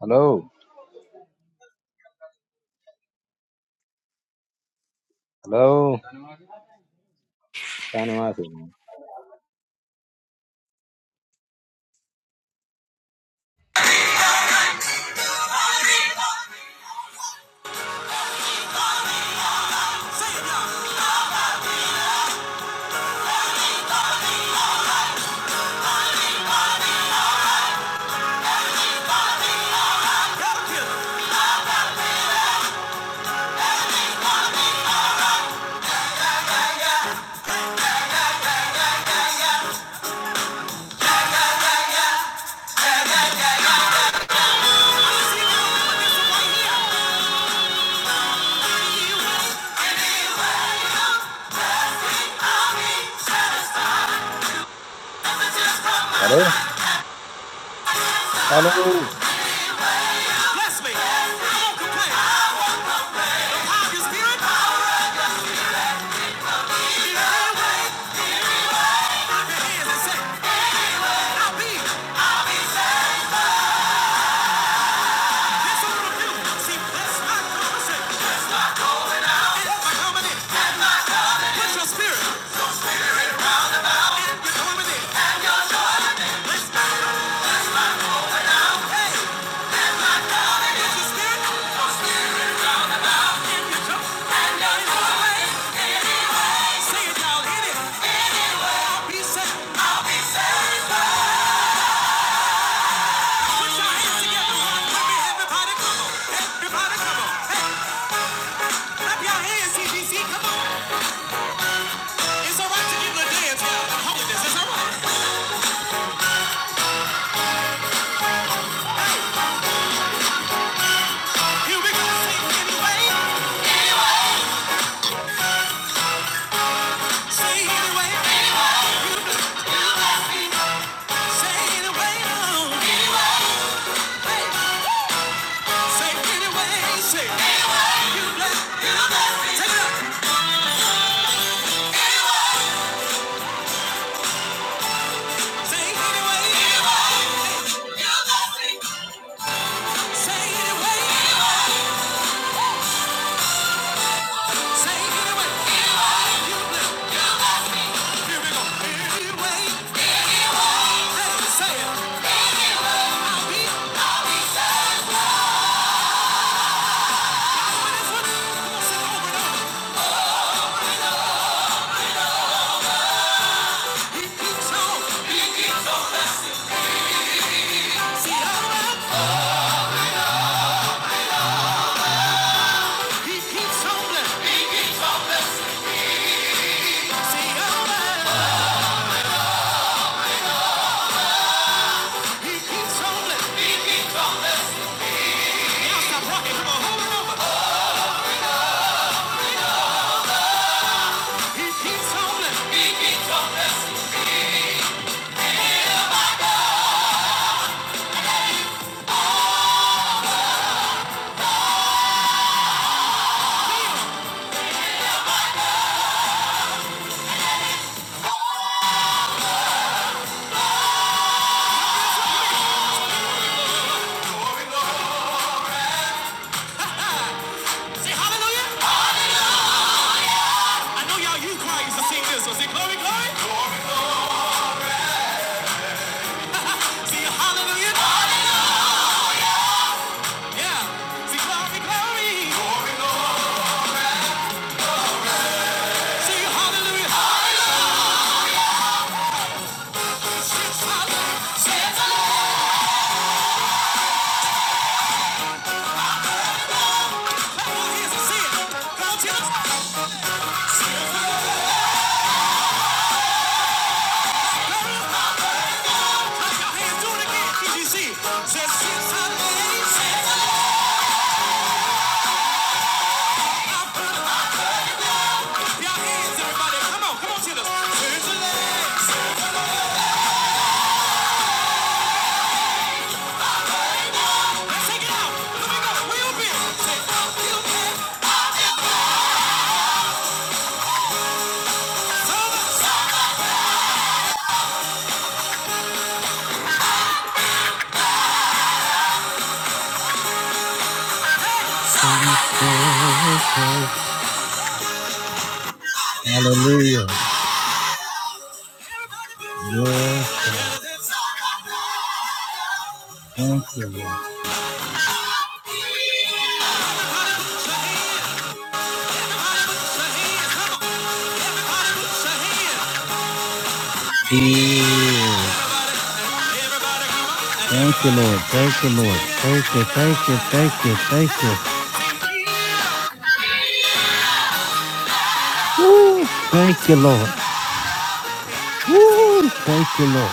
Hello, hello, Tani Mafi. Bless Hello, hello. me. I won't complain. Have your spirit. And wave your hands and say, I be. That's what I'm gonna do. See, bless my conversation. Bless my going out. And my coming in. And my coming in. Put your spirit. And you're coming in. And your coming in. Bless my Bless my going out. Hey. And my coming in. Put your spirit. Your spirit round about. And your coming And your coming in. Sing it, y'all. Hit it. Anywhere. I'll be safe. Put your hands together. Rock with me. Everybody come on. Everybody come on. Hey, your hands, CGC. Come on. It's all right to give a dance. Yeah. Holiness. It's all right. Here we go. Sing anyway. Say anyway. Anyway. You bless- you bless me. Say anyway. Oh. Anyway. Woo. Say anyway. Say anyway. You bless- bless me. Take it up. Say anyway. Anyway. You bless me. He keeps on blessing. Now stop rocking. Come on, hold it over. He keeps homeless. He keeps homeless. Say hallelujah. I know y'all you choir to sing this. So say glory, glory. Say hallelujah. Yeah. Say glory, glory. Say hallelujah. Hallelujah. Hallelujah. Says the Lord. Clap your hands and it. Come on, Clap your hands. Do it again. Did you see? Says since I heard of- i heard of love. Clap your hands, everybody. Come on. Come on, children. Since I Hallelujah. Yes, Thank you, Lord. Yeah. Thank you, Lord. Thank you, Lord. Thank you, thank you, thank you, thank you. Woo. Thank you, Lord. Woo! Thank you, Lord.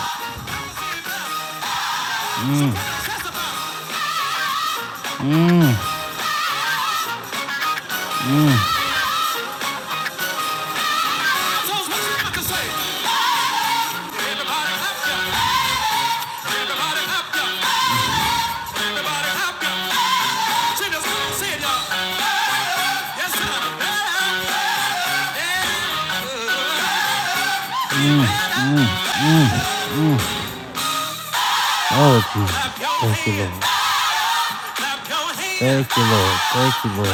Oh, Jesus. Thank you, Lord. Thank you, Lord.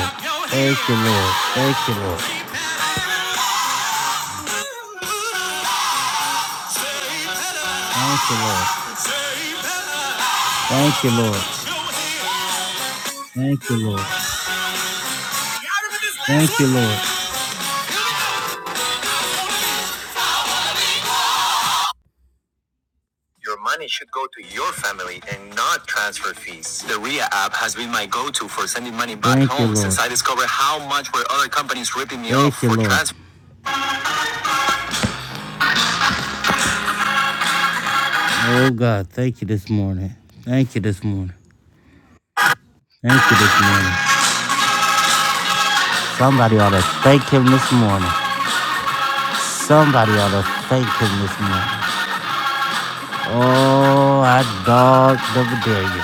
Thank you, Lord. Thank you, Lord. Thank you, Lord. Thank you, Lord. Thank you, Lord. Thank you, Lord. Thank you, Lord. Your money should go to your family and not transfer fees. The RIA app has been my go to for sending money back Thank home since I discovered how much were other companies ripping me off Thank off you, for Lord. transfer. Oh God, thank you this morning. Thank you this morning. Thank you this morning. Somebody ought to thank him this morning. Somebody ought to thank him this morning. Oh, I dog double dare you.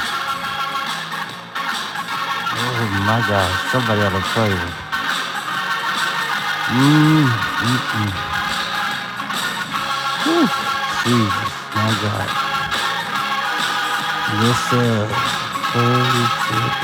Oh my God, somebody ought to praise him. Mmm, Jesus, my God. Yes, sir. Holy shit,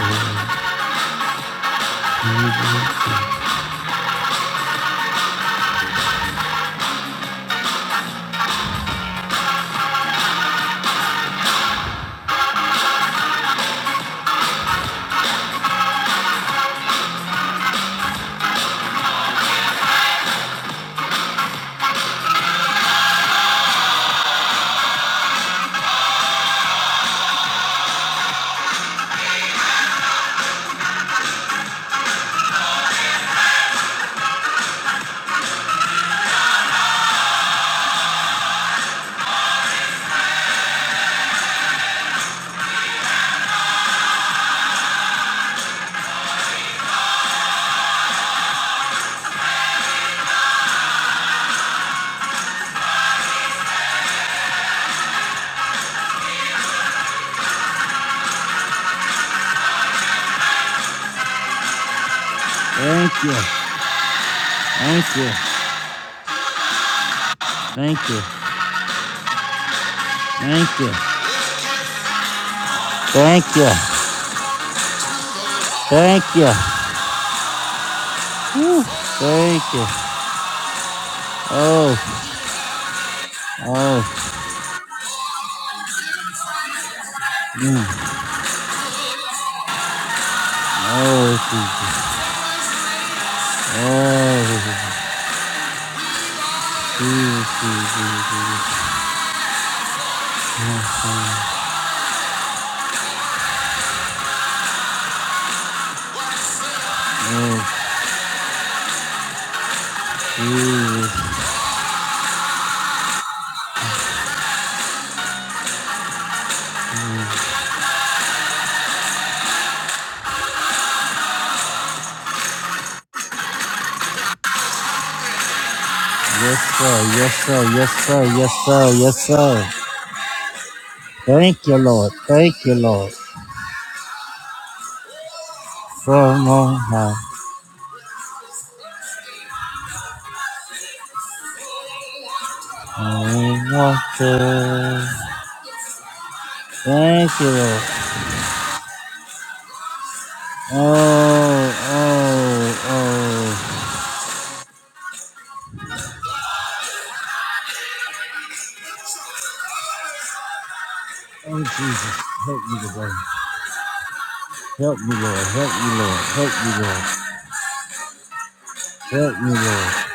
Thank you. Thank you. Thank you. Thank you. Thank you. Thank you. Whew. Thank you. Oh, oh, mm, oh, Jesus. Oh, Jesus, Jesus, Jesus. Oh, Yes, sir. Yes, sir. Yes, sir. Yes, sir. Yes, sir. Thank you, Lord. Thank you, Lord. From on high. I Thank you, Lord. Oh, oh, oh. Oh, Jesus, help me today. Help me, Lord. Help me, Lord. Help me, Lord. Help me, Lord.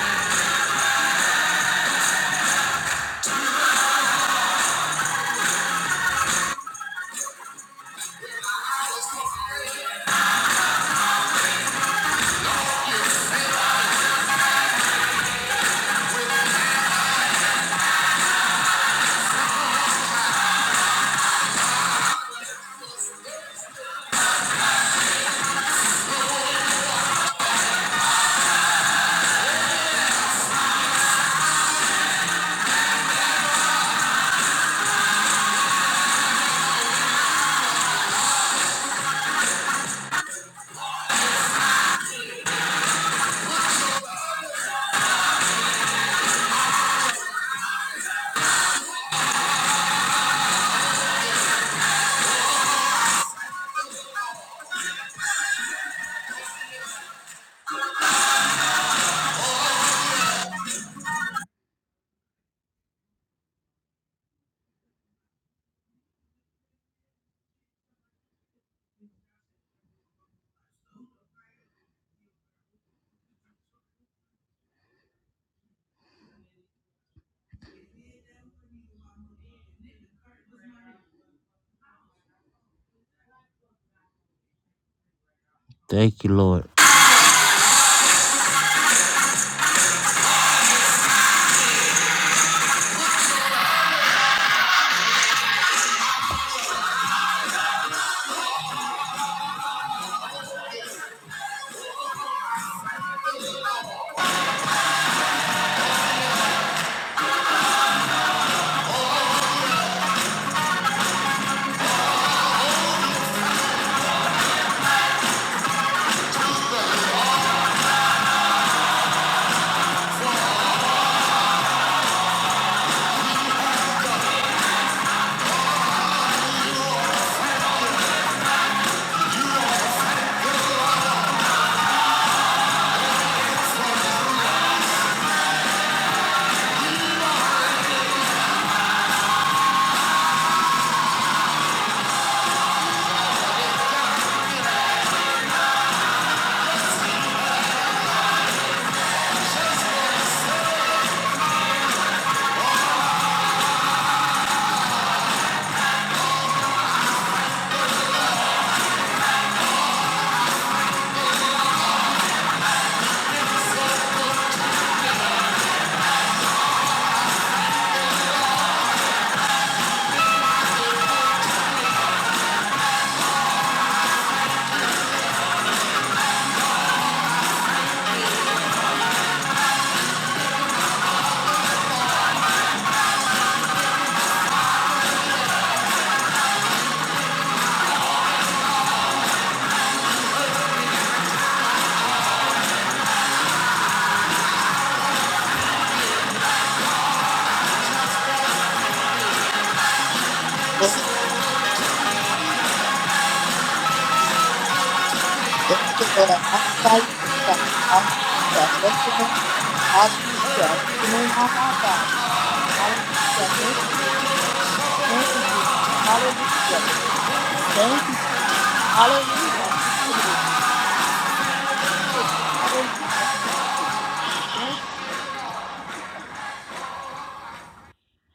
Thank you, Lord.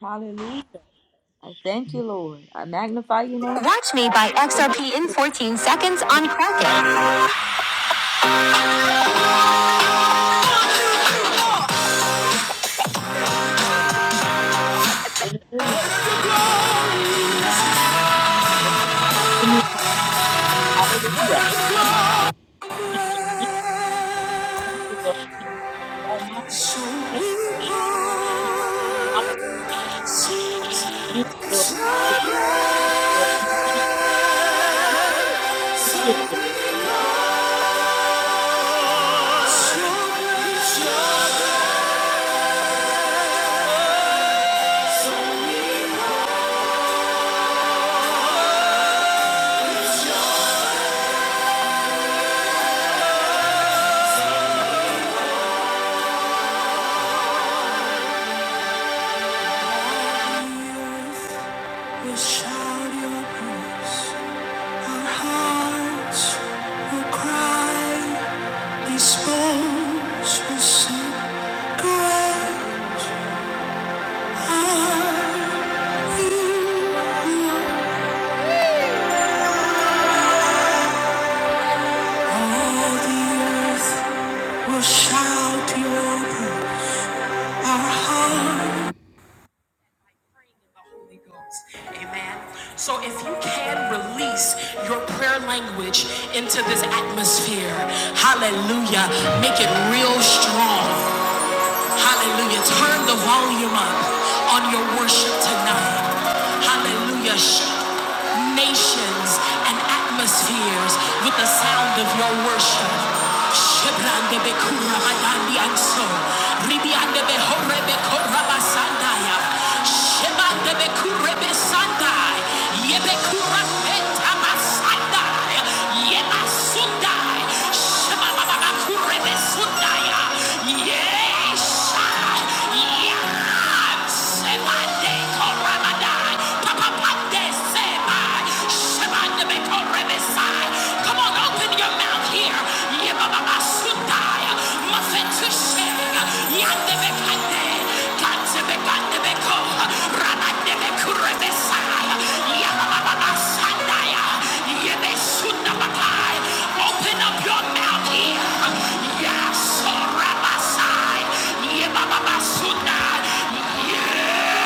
Hallelujah. I thank you, Lord. I magnify your name Watch me by XRP in 14 seconds on Kraken. Amen. So if you can release your prayer language into this atmosphere, hallelujah, make it real strong. Hallelujah. Turn the volume up on your worship tonight. Hallelujah nations and atmospheres with the sound of your worship. Shebrande bekura madandi anso. Ribiande behore bekora basandaya. Shebande bekure besandai. Yebekura peta masandai. Yemasundai. Shebababakure besundaya. Yesha. Yam. Shebande kora madai. Come on, open your mouth here. Open up your mouth here. Yes, Rabasai. Yes.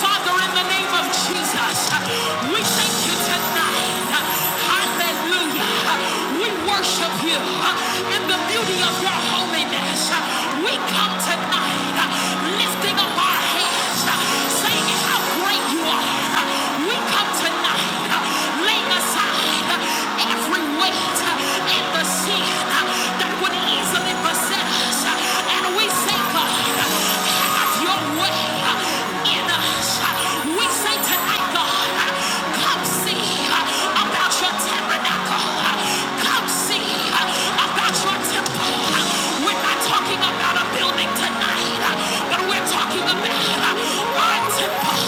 Father, in the name of Jesus, we thank you tonight. Hallelujah. We worship you in the beauty of your holiness. We come tonight lifting up our hands, saying how great you are. We come tonight, laying aside every weight and the sin that would easily possess us. And we say, God, have your way in us. We say tonight, God, come see about your tabernacle. Come see about your temple. We're not talking about a building building tonight, but we're talking about one temple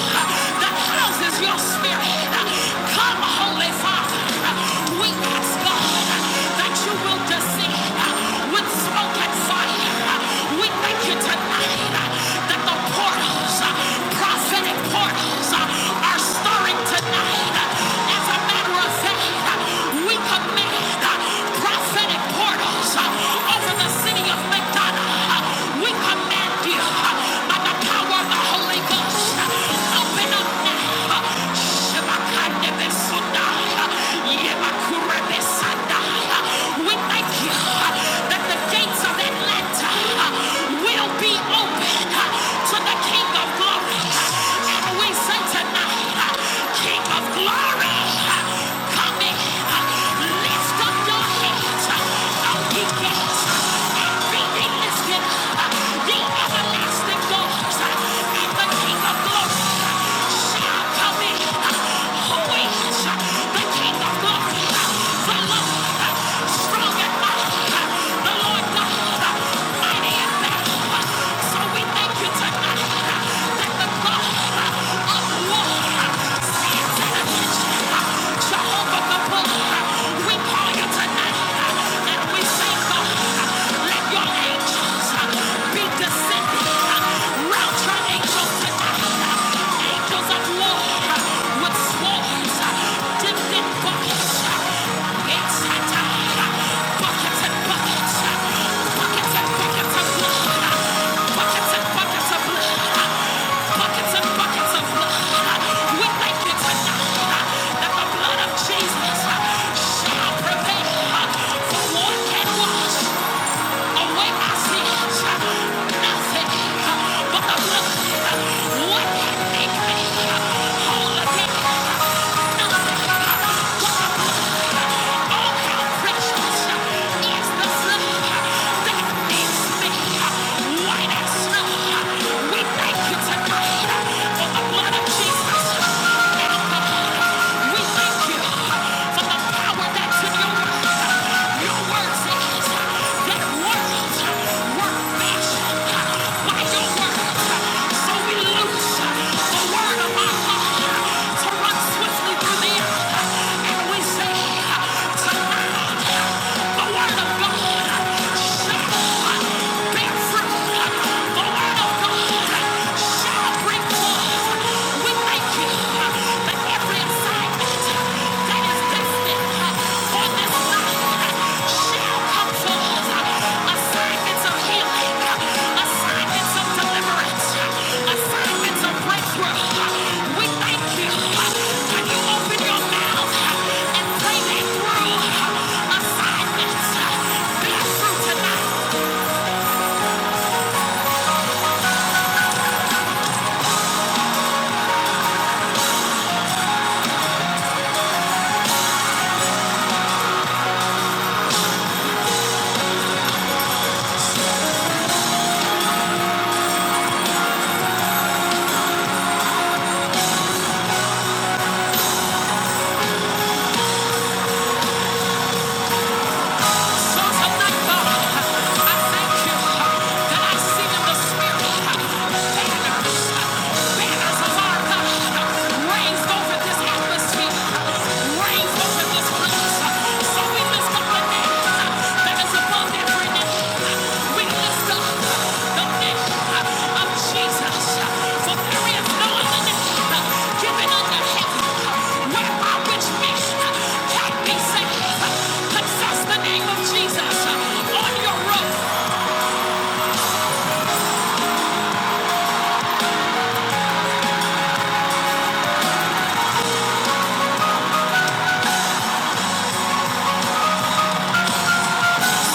that houses your spirit. Come, Holy Father, we ask God that you will descend with smoke and fire. We thank you tonight that the portals, prophetic portals, are stirring tonight. As a matter of fact, we command prophetic portals over the city of McDonough. We command you by the power of the Holy Ghost. Open up now. Shabakande besunda. Yebakure besanda. We thank you that the gates of Atlanta will be open to the King of Glory. And we say tonight, King of Glory, come in. Lift up your heads, O ye gates, and be ye lifted, ye everlasting doors, and the King of glory uh, shall come in. Who is the King of glory? uh, The Lord, uh, strong and mighty, uh, the Lord God, uh, mighty in battle. So we thank you tonight uh, that the God uh, of war uh, stands in attention. Jehovah Gabor, we call you tonight and we say, let your angels uh, be descending. Route angels tonight. Angels of war uh, with swords, dipped in bodies, uh, gates uh, Buckets and buckets, of blood, buckets and buckets of blood, buckets and buckets of blood. We thank you tonight that the blood of Jesus shall prevail. For what can wash away our sins? Nothing but the blood. What can make me whole again? Tonight, the word of God shall bear fruit. The word of God shall bring forth. We thank you that every assignment that is destined for this night shall come forth. Assignments of healing, assignments of deliverance, assignments of breakthrough. We thank you. Can you open your mouth? Raised over this place, so we lift up a name that is above. Jesus on your road.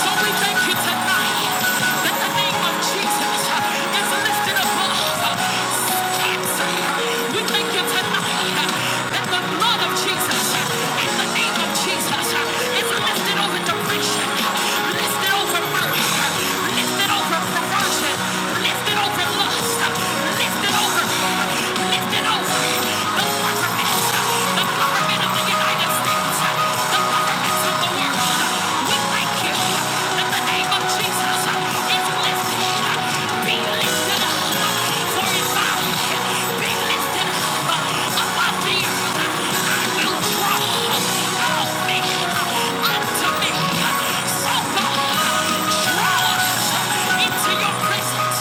So we thank you tonight that the name of Jesus is lifted above cancer. We thank you tonight that the blood of Jesus and the name of Jesus is lifted over depression, lifted over murder, lifted over perversion, lifted over lust, lifted over, lifted over the government, the government of the United States, the governments of the world. We thank you in the name of Jesus. It's Be lifted up. For Be lifted above the earth. I will draw all men unto me. So God, draw us into your presence.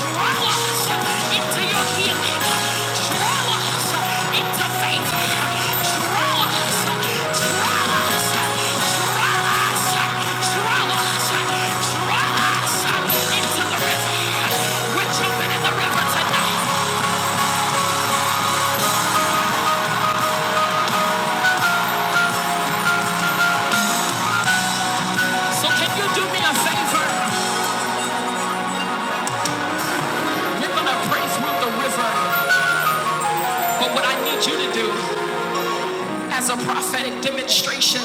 Draw us into your healing. Draw us into faith. Draw us, draw us, draw us, draw us, draw us into the river. We're jumping in the river tonight. So can you do me a favor? We're gonna pray through the river. But what I need you to do as a prophetic demonstration,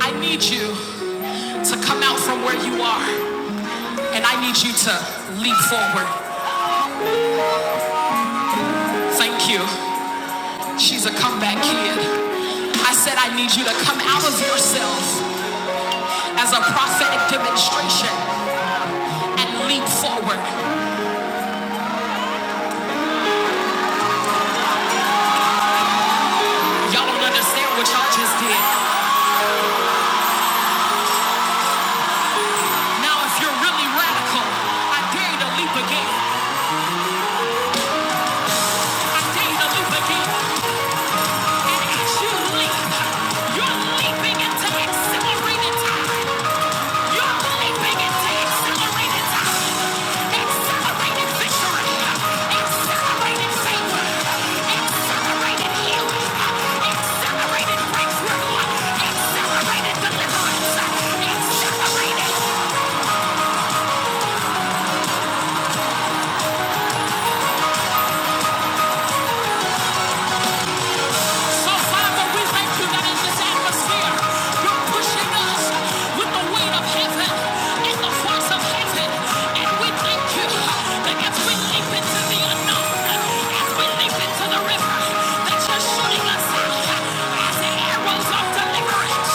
I need you to come out from where you are and I need you to leap forward. Thank you. She's a comeback kid. I said, I need you to come out of yourself as a prophetic demonstration and leap forward. Y'all don't understand what y'all just did. Now, if you're really radical, I dare you to leap again. I dare you to leap again. And as you leap, you're leaping into accelerated time. You're leaping into accelerated time. Accelerated victory. Accelerated faith. Accelerated healing. Accelerated breakthrough. So, Father, we thank you that in this atmosphere, you're pushing us with the weight of heaven and the force of heaven. And we thank you that as we leap into the unknown, as we leap into the river, that you're shooting us out as arrows of deliverance,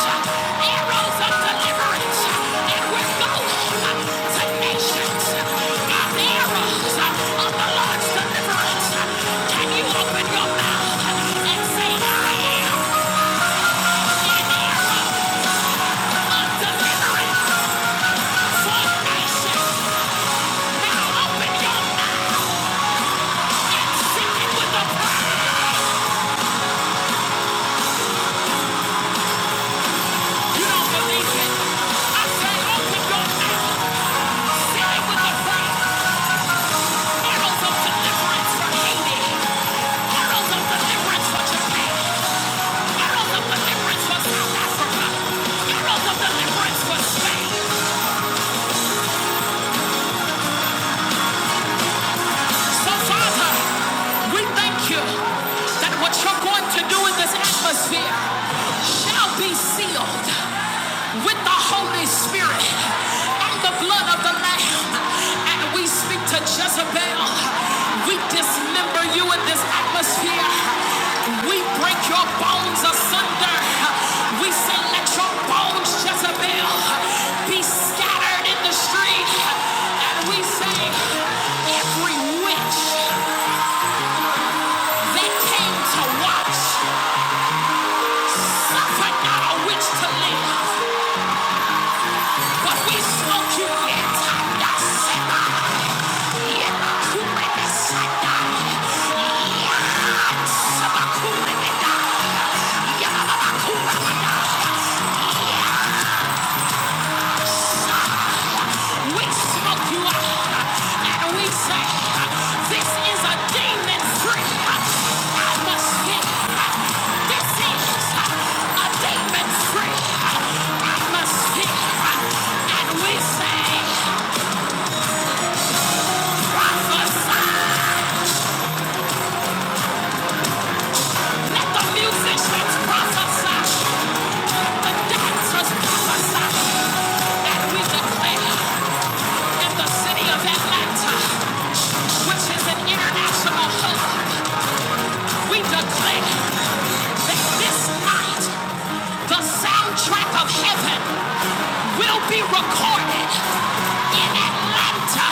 arrows of deliverance. And we're going to nations by arrows of the Lord's deliverance. Can you open your mouth and say, So Father, we thank you that what you're going to do in this atmosphere shall be sealed with the Holy Spirit and the blood of the Lamb. And we speak to Jezebel We dismember you in this atmosphere. We break your bones asunder. We say, let your bones, Jezebel, be scattered in the street. And we say, every witch that came to watch, suffer not a witch to live. But we smoke you yet. Nasema. Yekumebesada. Yasabakumebeda. Yababakumebeda. We smoke you out. And we say, this is a demon-free atmosphere. This is a demon-free atmosphere. And we say, Declare that this night the soundtrack of heaven will be recorded in Atlanta.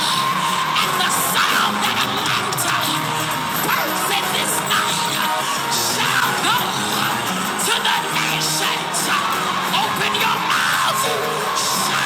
And the sound that Atlanta births in this night shall go to the nations. Open your mouth.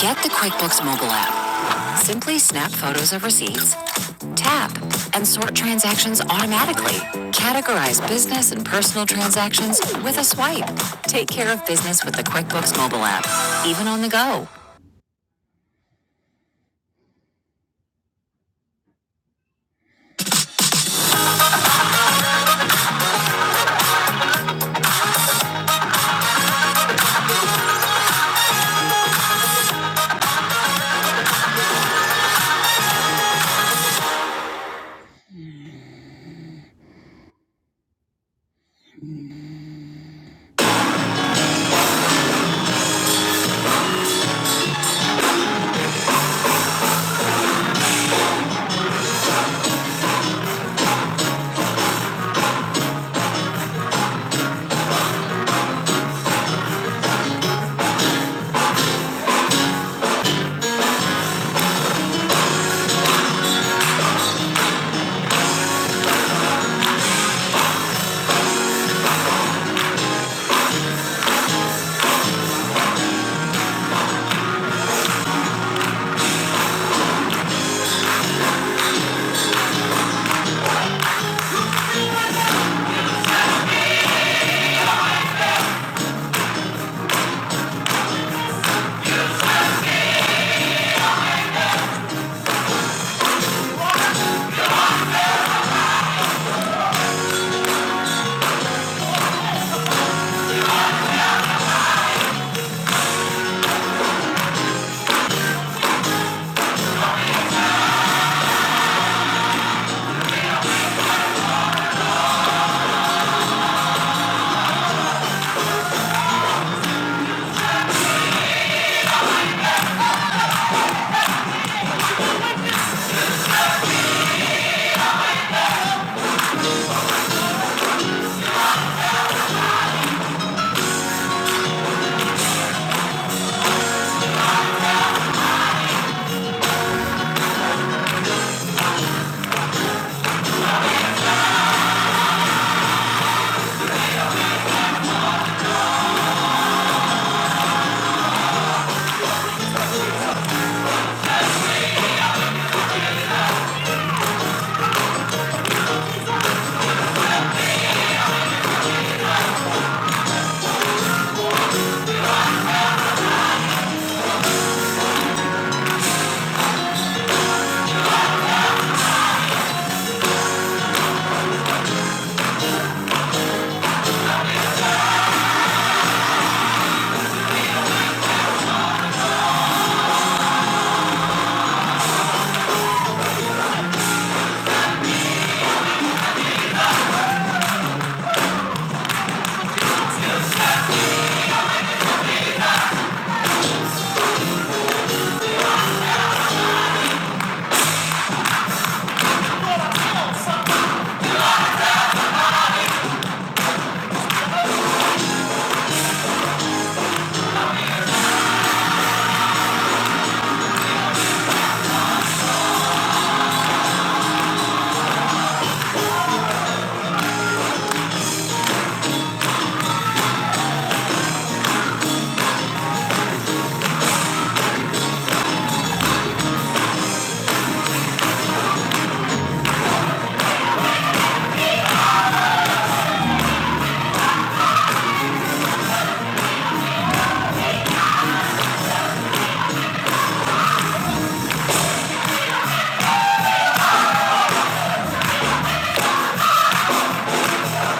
Get the QuickBooks mobile app. Simply snap photos of receipts, tap, and sort transactions automatically. Categorize business and personal transactions with a swipe. Take care of business with the QuickBooks mobile app, even on the go.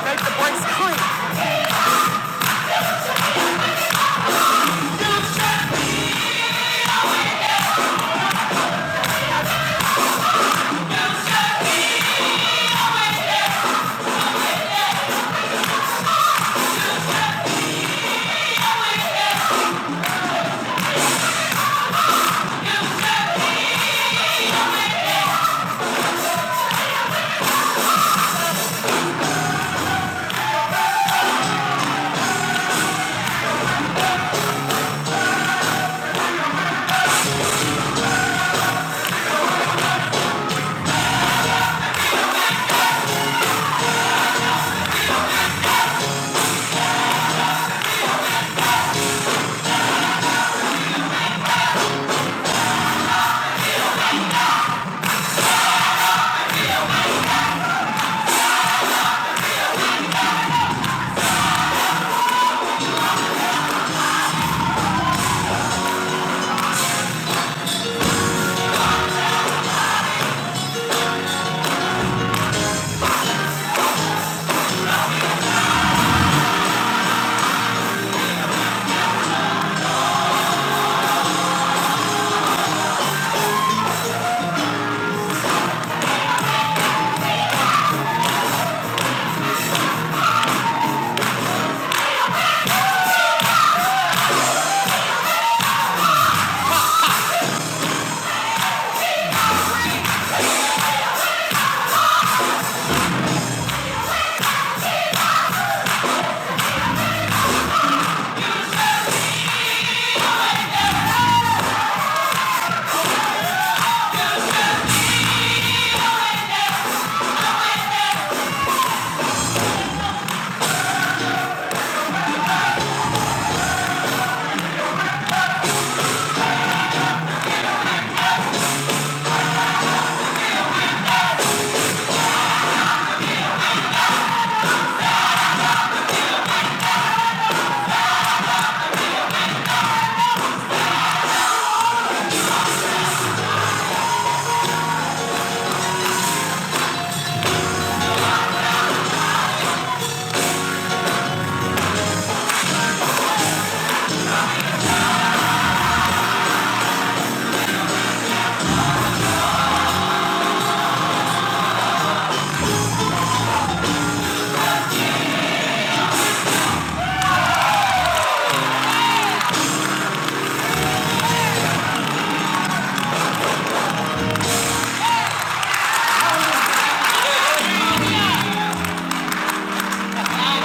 Make the place quick.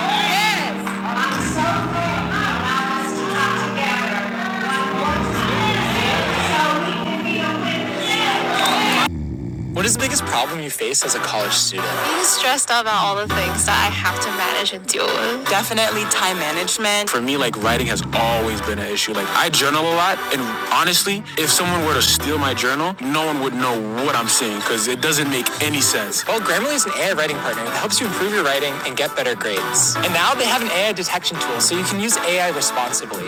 Yes! For me, like writing has always been an issue. Like I journal a lot, and honestly, if someone were to steal my journal, no one would know what I'm saying because it doesn't make any sense. and get better grades. And now they have an AI detection tool, so you can use AI responsibly.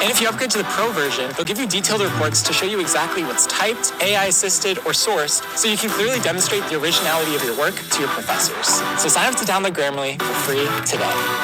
And if you upgrade to the pro version, they'll give you detailed reports to show you exactly what's typed, AI assisted, or sourced, so you can clearly demonstrate the originality of your work to your professors. So sign up to download Grammarly for free today.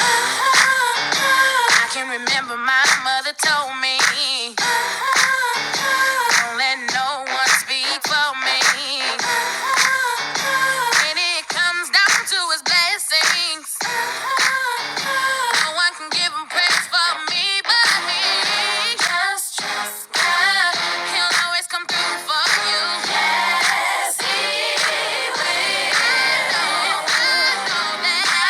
I can remember my mother told me, don't let no one speak for me. When it comes down to his blessings, no one can give him praise for me but me. Just trust God, he'll always come through for you. Yes, he will. I know, I know that. Thank you.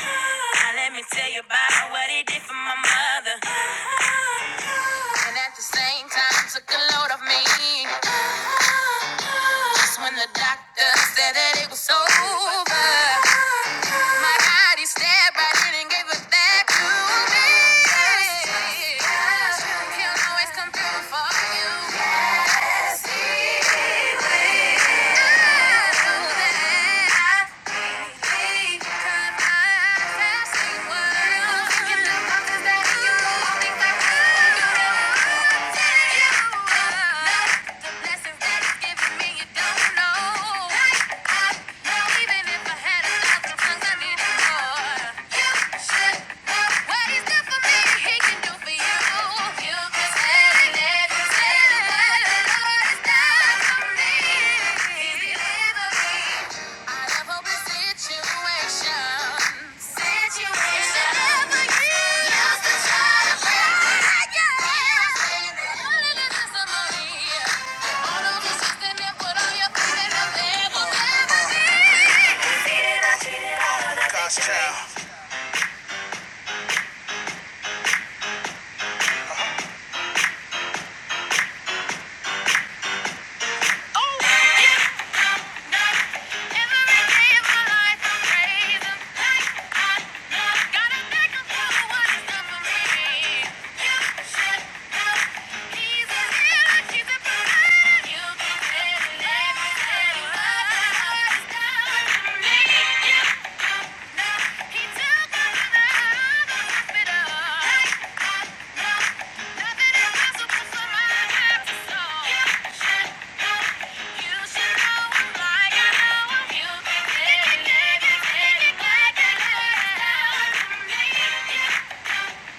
Now let me tell you about what he did for my mother. And at the same time took a load off me. Just when the doctor said that it was over. My God, he stabbed right in and gave it back to me. He'll always come through for you. Yes, he will. I know that. Thank you. I have open situations. Situations. Never used to try to play the game. Only this is All of this is the net, put all your faith in the devil. Never be. God's child. Oh, yeah. Every day of my life, I'm praising. Like, I, gotta thank for what he's done for me. You should know he's a healer, he's a provider. You can tell it every day. Love is for me. Yeah.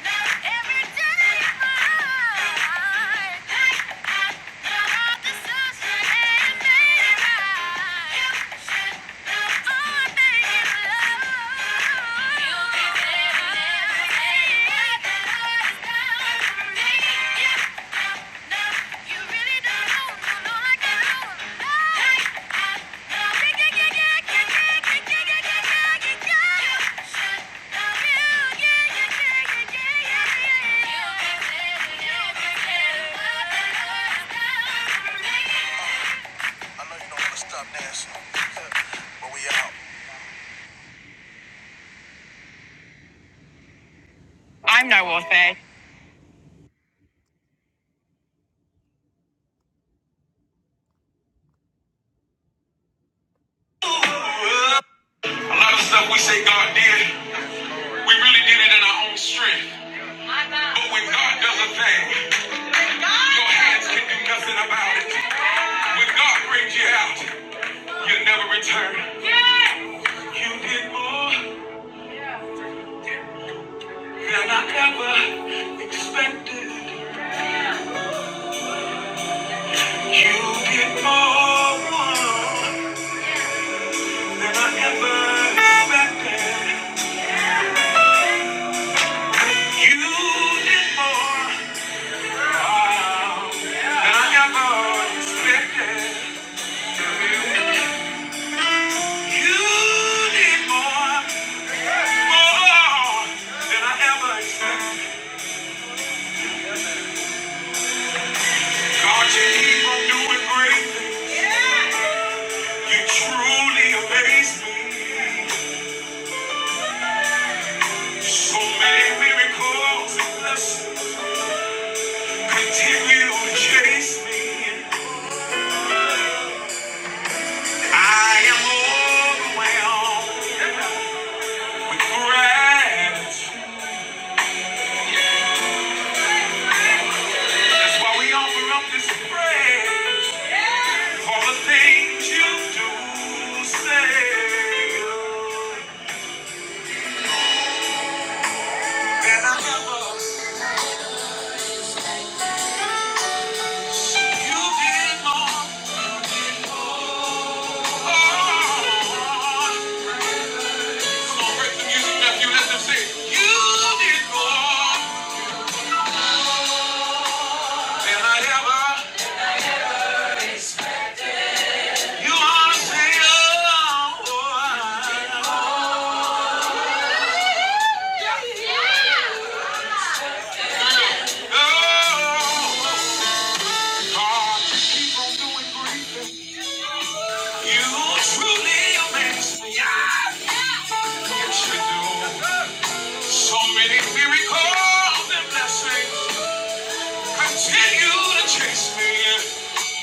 Yeah. I know not want to stop am not A lot of stuff we say God did, we really did it in our own strength. But when God does a thing, Your hands can do nothing about it. When God brings you out, you never return. You did more than I ever expected. You did more than I ever expected. You did more wow, than I ever expected. You did more, more than I ever expected. God, you keep on doing great. You truly amaze me. So many miracles continue to chase me. I am overwhelmed with gratitude. That's why we offer up this praise. All the things you do, say. Than I ever, you did more. Oh, You did more than I ever. You ought to say, oh, oh, oh. You truly amaze me. Yes, you do. So many miracles and blessings continue to chase me.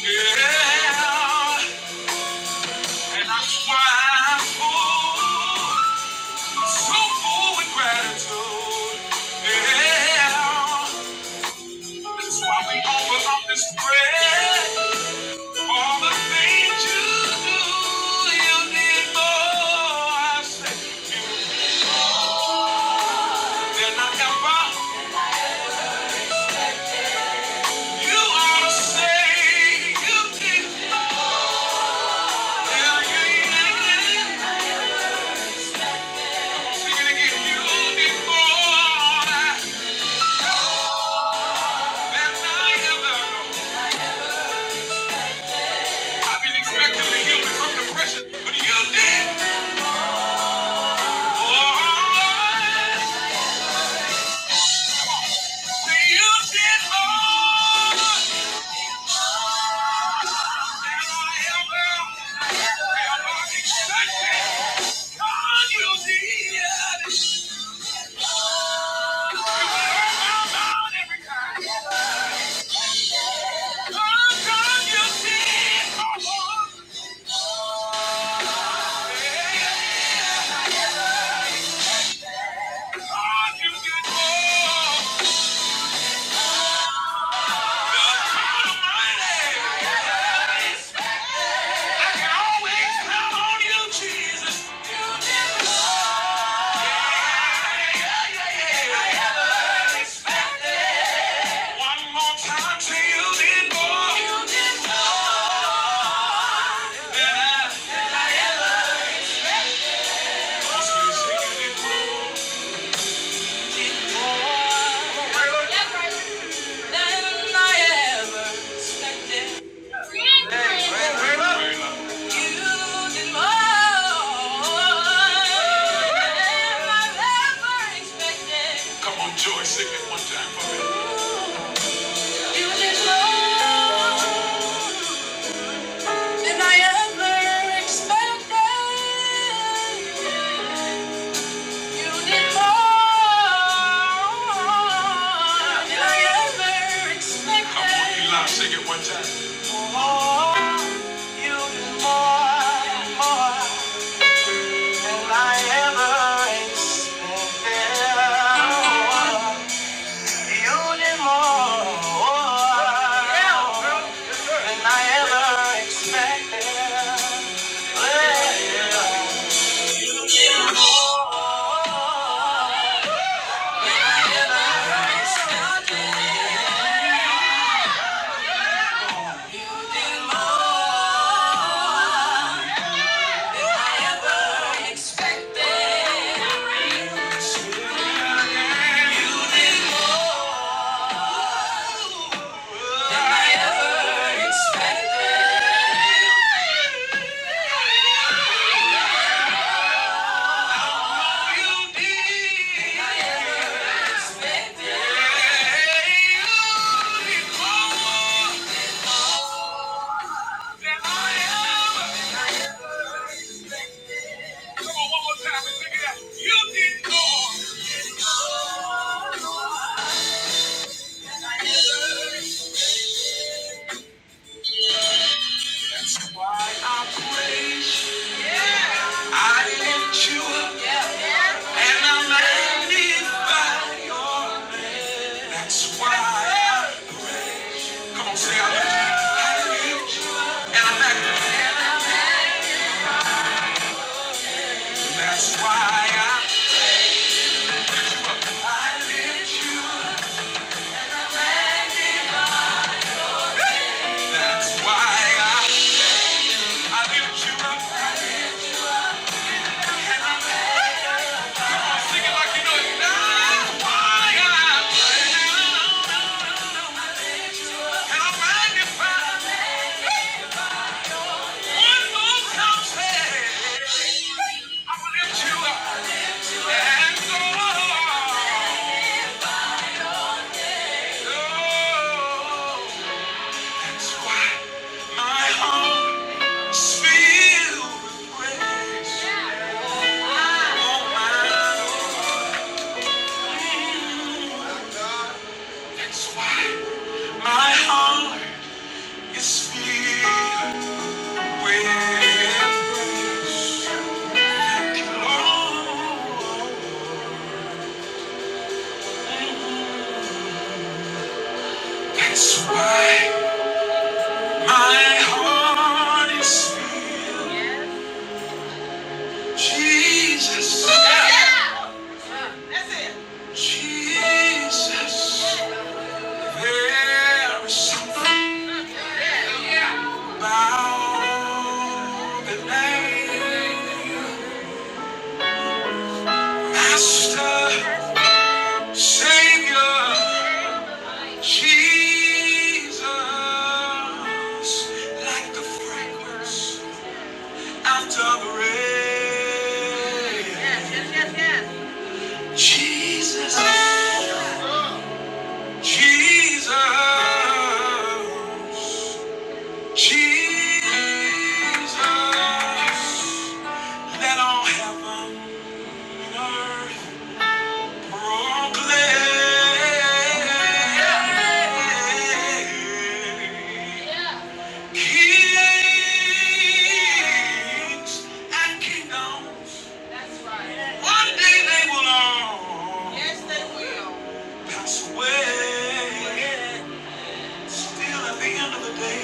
Yeah. And that's why I'm full, so full with gratitude. Yeah. That's why we offer up this prayer. All the things you do, you did more, I say, than I ever. You ought to say you did. more. Yeah, yeah, yeah. Sing it again. You did more than I ever. I've been expecting to heal me from depression, but you did. Oh, you did more than I ever, ever expected. God, you did. You turned my mind every time. God, God, you did more. God, you did more. I can always count on you, Jesus. One more time till you need Really? I ever expected. Really? Really? Really? than i ever expected. Come on, Joy, sing it one time for me. You did more than I ever expected. I lift you up and I magnify. That's why. Come on, say I'm I lift you up. and I am back. That's why I, I lift you. up. That's why I, I lift you up. am it like you know it. That's why I praise you. and I am magnify. One more time, say I will lift you up and go. on. Go. That's why my heart is filled with praise. Oh, That's why my heart is filled with praise. Oh, that's why my heart is filled. Jesus. Jesus. There is something Bow the name, Master, Savior, Jesus, like the fragrance after the rain. Jesus, Jesus, Jesus, let all heaven and earth Brooklyn. Kings and kingdoms. One day they will all pass away. Still at the end of the day,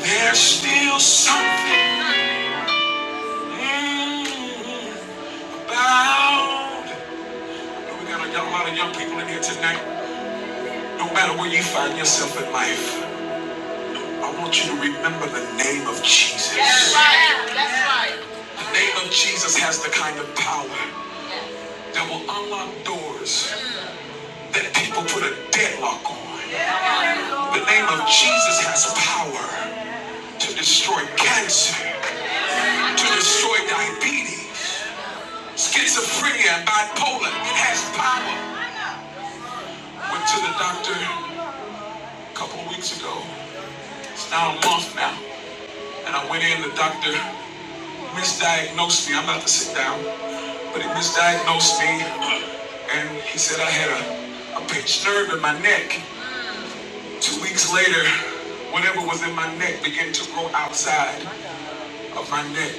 there's still something mm, about. We got a lot of young people in here tonight. No matter where you find yourself in life. I want you to remember the name of Jesus. Yes, right. The name of Jesus has the kind of power that will unlock doors that people put a deadlock on. The name of Jesus has power to destroy cancer, to destroy diabetes, schizophrenia, and bipolar. It has power. Went to the doctor a couple of weeks ago. It's now a month now. And I went in, the doctor misdiagnosed me. I'm about to sit down, but he misdiagnosed me, and he said I had a, a pinched nerve in my neck. Two weeks later, whatever was in my neck began to grow outside of my neck.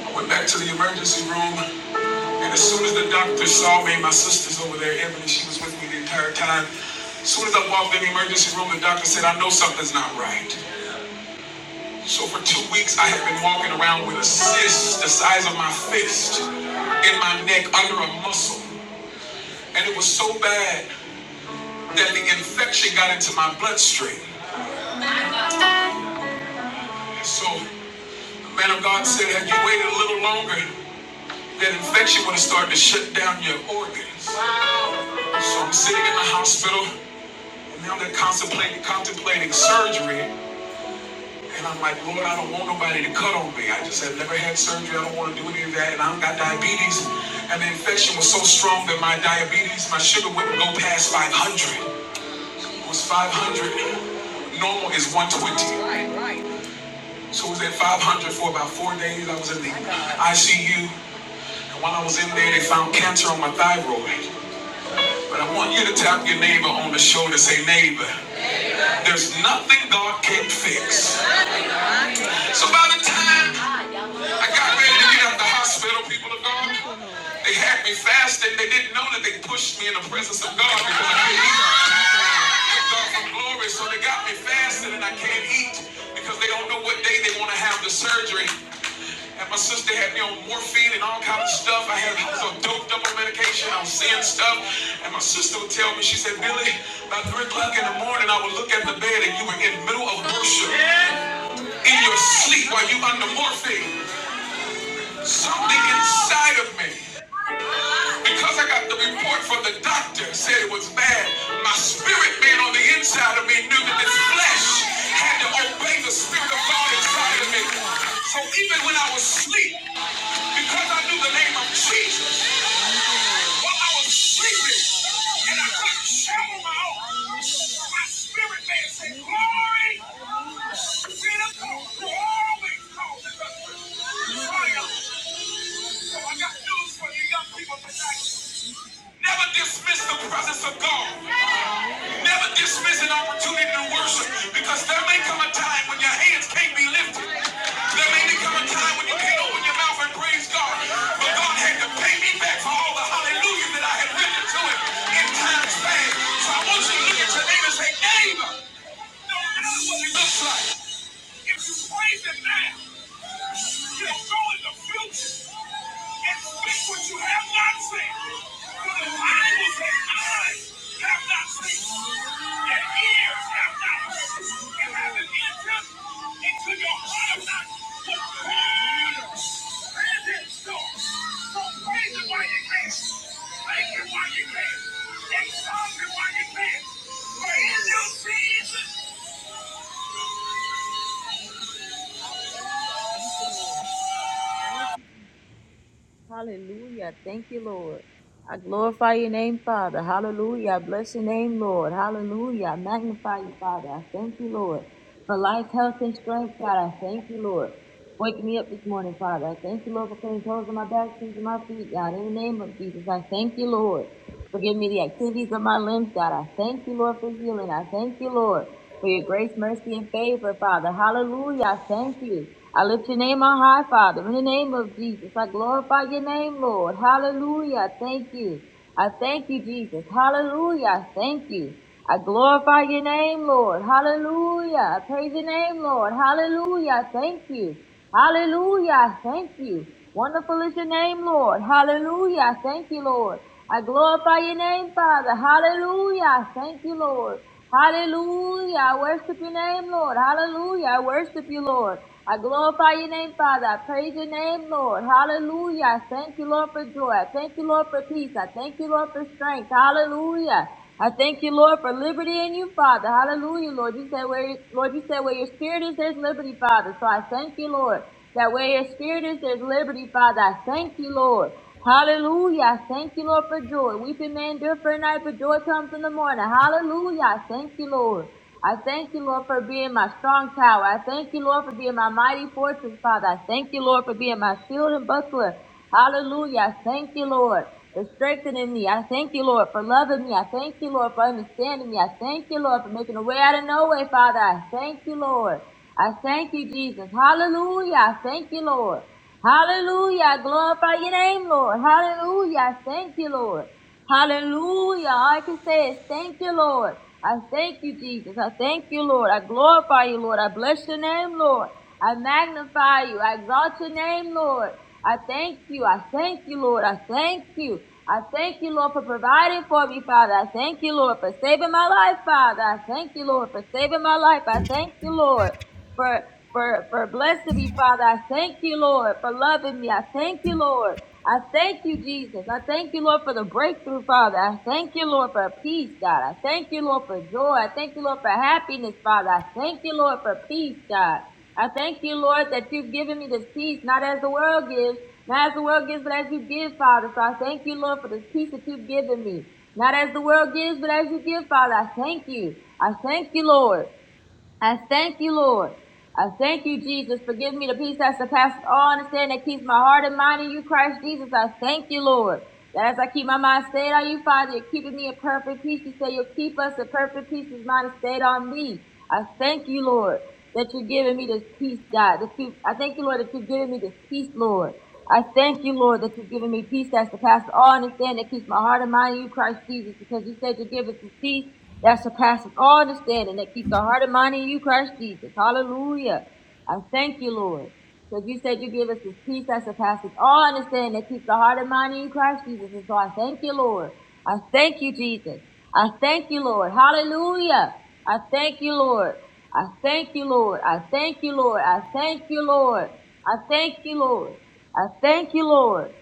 I went back to the emergency room, and as soon as the doctor saw me, my sister's over there, Emily, she was with me the entire time. As soon as I walked in the emergency room, the doctor said, I know something's not right. So for two weeks, I have been walking around with a cyst the size of my fist in my neck under a muscle. And it was so bad that the infection got into my bloodstream. So the man of God said, had you waited a little longer, that infection would have started to shut down your organs. So I'm sitting in the hospital, and now they're contemplating, contemplating surgery. And I'm like, Lord, I don't want nobody to cut on me. I just have never had surgery. I don't want to do any of that. And I don't got diabetes. And the infection was so strong that my diabetes, my sugar wouldn't go past 500. It was 500. Normal is 120. So it was at 500 for about four days. I was in the ICU. And while I was in there, they found cancer on my thyroid. But I want you to tap your neighbor on the shoulder, say, neighbor, there's nothing God can't fix. So by the time I got ready to get out of the hospital, people of God. They had me fasting. They didn't know that they pushed me in the presence of God because I can't eat. Give God some glory. So they got me fasting and I can't eat because they don't know what day they want to have the surgery. And my sister had me on morphine and all kind of stuff. I had I was all doped up on medication. I was seeing stuff. And my sister would tell me, she said, Billy, about three o'clock in the morning, I would look at the bed and you were in the middle of worship in your sleep while you under morphine. Something inside of me, because I got the report from the doctor, said it was bad. My spirit man on the inside of me knew that this flesh had to obey the spirit of God inside of me. So even when I was asleep, because I knew the name of Jesus, while I was sleeping and I couldn't shout my own, my spirit man said, Glory to the Lord, who always causes us to triumph. So I got news for you young people tonight. Never dismiss the presence of God. Never dismiss an opportunity to worship because there may come a time when your hands can't be lifted. There may become a time when you can't open your mouth and praise God. But God had to pay me back for all the hallelujah that I had written to him in times past. So I want you to look at your neighbor and say, neighbor, do matter what it looks like. If you praise him now, you'll go in the future and speak what you have not said. For the Bible says, eyes have not seen, and ears have not heard, and have an entered into your heart of not what God has in store. So praise him while you can. Thank him while you can. Exalt him while you can. For in your season. Hallelujah. Thank you, Lord. I glorify your name, Father. Hallelujah. I bless your name, Lord. Hallelujah. I magnify you, Father. I thank you, Lord. For life, health, and strength, God, I thank you, Lord. Waking me up this morning, Father. I thank you, Lord, for putting clothes on my back, shoes on my feet, God. In the name of Jesus, I thank you, Lord. For giving me the activities of my limbs, God. I thank you, Lord, for healing. I thank you, Lord for your grace, mercy, and favor, Father. Hallelujah. I Thank you. I lift your name on high, Father. In the name of Jesus, I glorify your name, Lord. Hallelujah. I Thank you. I thank you, Jesus. Hallelujah. I Thank you. I glorify your name, Lord. Hallelujah. I praise your name, Lord. Hallelujah. I Thank you. Hallelujah. I Thank you. Wonderful is your name, Lord. Hallelujah. I Thank you, Lord. I glorify your name, Father. Hallelujah. I Thank you, Lord. Hallelujah. I worship your name, Lord. Hallelujah. I worship you, Lord. I glorify your name, Father. I praise your name, Lord. Hallelujah. I thank you, Lord, for joy. I thank you, Lord, for peace. I thank you, Lord, for strength. Hallelujah. I thank you, Lord, for liberty in you, Father. Hallelujah, Lord. You said where, Lord, you said where your spirit is, there's liberty, Father. So I thank you, Lord, that where your spirit is, there's liberty, Father. I thank you, Lord. Hallelujah. Thank you, Lord, for joy. Weeping may endure for a night, but joy comes in the morning. Hallelujah. Thank you, Lord. I thank you, Lord, for being my strong tower. I thank you, Lord, for being my mighty fortress, Father. I thank you, Lord, for being my shield and buckler. Hallelujah. I thank you, Lord, for strengthening me. I thank you, Lord, for loving me. I thank you, Lord, for understanding me. I thank you, Lord, for making a way out of no way, Father. I thank you, Lord. I thank you, Jesus. Hallelujah. I thank you, Lord. Hallelujah. I Glorify your name, Lord. Hallelujah. I Thank you, Lord. Hallelujah. All I can say is thank you, Lord. I thank you, Jesus. I thank you, Lord. I glorify you, Lord. I bless your name, Lord. I magnify you. I exalt your name, Lord. I thank you. I thank you, Lord. I thank you. I thank you, Lord, for providing for me, Father. I thank you, Lord, for saving my life, Father. I thank you, Lord, for saving my life. I thank you, Lord for for for blessing me, Father. I thank you, Lord, for loving me. I thank you, Lord. I thank you, Jesus. I thank you, Lord, for the breakthrough, Father. I thank you, Lord, for peace, God. I thank you, Lord, for joy. I thank you, Lord, for happiness, Father. I thank you, Lord, for peace, God. I thank you, Lord, that you've given me this peace, not as the world gives, not as the world gives, but as you give, Father. So I thank you, Lord, for this peace that you've given me. Not as the world gives, but as you give, Father. I thank you. I thank you, Lord. I thank you, Lord. I thank you, Jesus, for giving me the peace that surpasses all understanding that keeps my heart and mind in you, Christ Jesus. I thank you, Lord. That as I keep my mind stayed on you, Father, you're keeping me in perfect peace. You say you'll keep us in perfect peace whose mind is stayed on Me. I thank you, Lord, that you're giving me this peace, God. This peace. I thank you, Lord, that you're giving me this peace, Lord. I thank you, Lord, that you've given me peace that surpasses all understanding, that keeps my heart and mind in you, Christ Jesus, because you said you give us the peace that surpasses all understanding, that keeps our heart and mind in you, Christ Jesus. Hallelujah. I thank you, Lord, because you said you give us this peace that surpasses all understanding, that keeps our heart and mind in you, Christ Jesus. And so I thank you, Lord. I thank you, Jesus. I thank you, Lord. Hallelujah. I thank you, Lord. I thank you, Lord. I thank you, Lord. I thank you, Lord. I thank you, Lord. I thank you, Lord.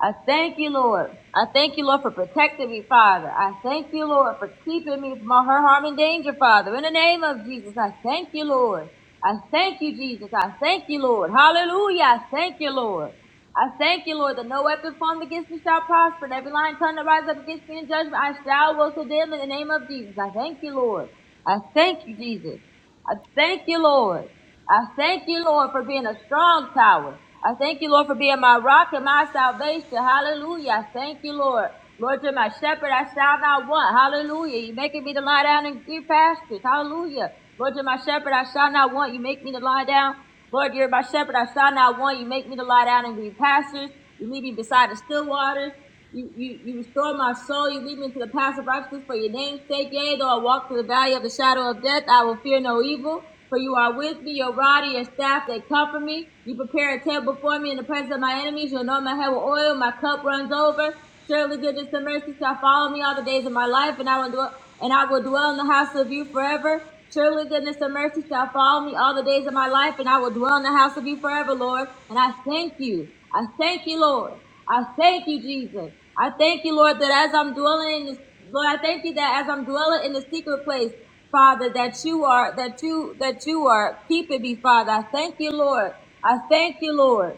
I thank you, Lord. I thank you, Lord, for protecting me, Father. I thank you, Lord, for keeping me from all her harm and danger, Father. In the name of Jesus, I thank you, Lord. I thank you, Jesus. I thank you, Lord. Hallelujah. I thank you, Lord. I thank you, Lord, that no weapon formed against me shall prosper, and every line tongue that rises up against me in judgment, I shall will condemn in the name of Jesus. I thank you, Lord. I thank you, Jesus. I thank you, Lord. I thank you, Lord, for being a strong tower. I thank you, Lord, for being my rock and my salvation. Hallelujah. I thank you, Lord. Lord, you're my shepherd. I shall not want. Hallelujah. You're making me to lie down in green pastures. Hallelujah. Lord, you're my shepherd. I shall not want. You make me to lie down. Lord, you're my shepherd. I shall not want. You make me to lie down in green pastures. You lead me beside the still waters. You, you, you restore my soul. You lead me into the paths of righteousness for your name's sake. Yea, though I walk through the valley of the shadow of death, I will fear no evil. For you are with me, your rod and your staff, they comfort me. You prepare a table before me in the presence of my enemies. You anoint my head with oil. My cup runs over. Surely goodness and mercy shall follow me all the days of my life, and I will dwell, and I will dwell in the house of you forever. Surely goodness and mercy shall follow me all the days of my life, and I will dwell in the house of you forever, Lord. And I thank you. I thank you, Lord. I thank you, Jesus. I thank you, Lord, that as I'm dwelling in this, Lord, I thank you that as I'm dwelling in the secret place, Father, that you are, that you, that you are keeping me, Father. I thank you, Lord. I thank you, Lord.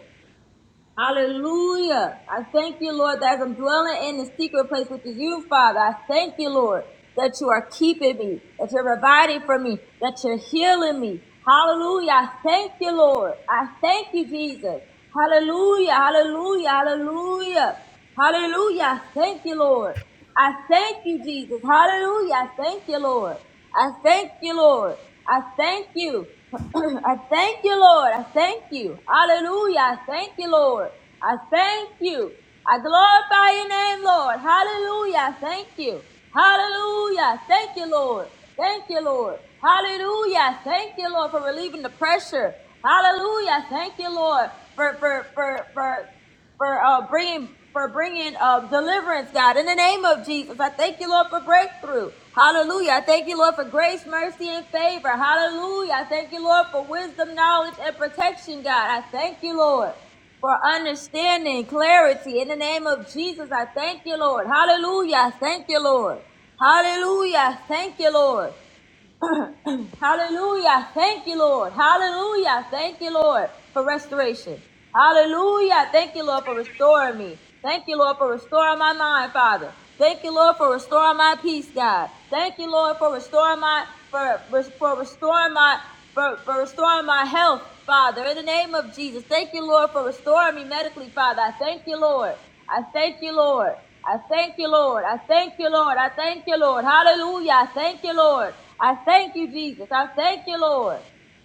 Hallelujah. I thank you, Lord, that as I'm dwelling in the secret place, which is you, Father, I thank you, Lord, that you are keeping me, that you're providing for me, that you're healing me. Hallelujah. I thank you, Lord. I thank you, Jesus. Hallelujah. Hallelujah. Hallelujah. Hallelujah. I Thank you, Lord. I thank you, Jesus. Hallelujah. I thank you, Lord. I thank you, Lord. I thank you. I thank you, Lord. I thank you. Hallelujah. I thank you, Lord. I thank you. I glorify your name, Lord. Hallelujah. I thank you. Hallelujah. I Thank you, Lord. Thank you, Lord. Hallelujah. I Thank you, Lord, for relieving the pressure. Hallelujah. I Thank you, Lord, for, for, for, for for uh, bringing for bringing uh, deliverance, God, in the name of Jesus. I thank you, Lord, for breakthrough. Hallelujah. I thank you, Lord, for grace, mercy, and favor. Hallelujah. I thank you, Lord, for wisdom, knowledge, and protection, God. I thank you, Lord, for understanding, clarity. In the name of Jesus, I thank you, Lord. Hallelujah. I thank you, Lord. Hallelujah. I Thank you, Lord. Hallelujah. Thank you, Lord. Hallelujah. Thank you, Lord, for restoration. Hallelujah. Thank you, Lord, for restoring me. Thank you, Lord, for restoring my mind, Father. Thank you, Lord, for restoring my peace, God. Thank you, Lord, for restoring my for for restoring my for, for restoring my health, Father. In the name of Jesus. Thank you, Lord, for restoring me medically, Father. I thank you, Lord. I thank you, Lord. I thank you, Lord. I thank you, Lord. I thank you, Lord. Hallelujah. I thank you, Lord. I thank you, Jesus. I thank you, Lord.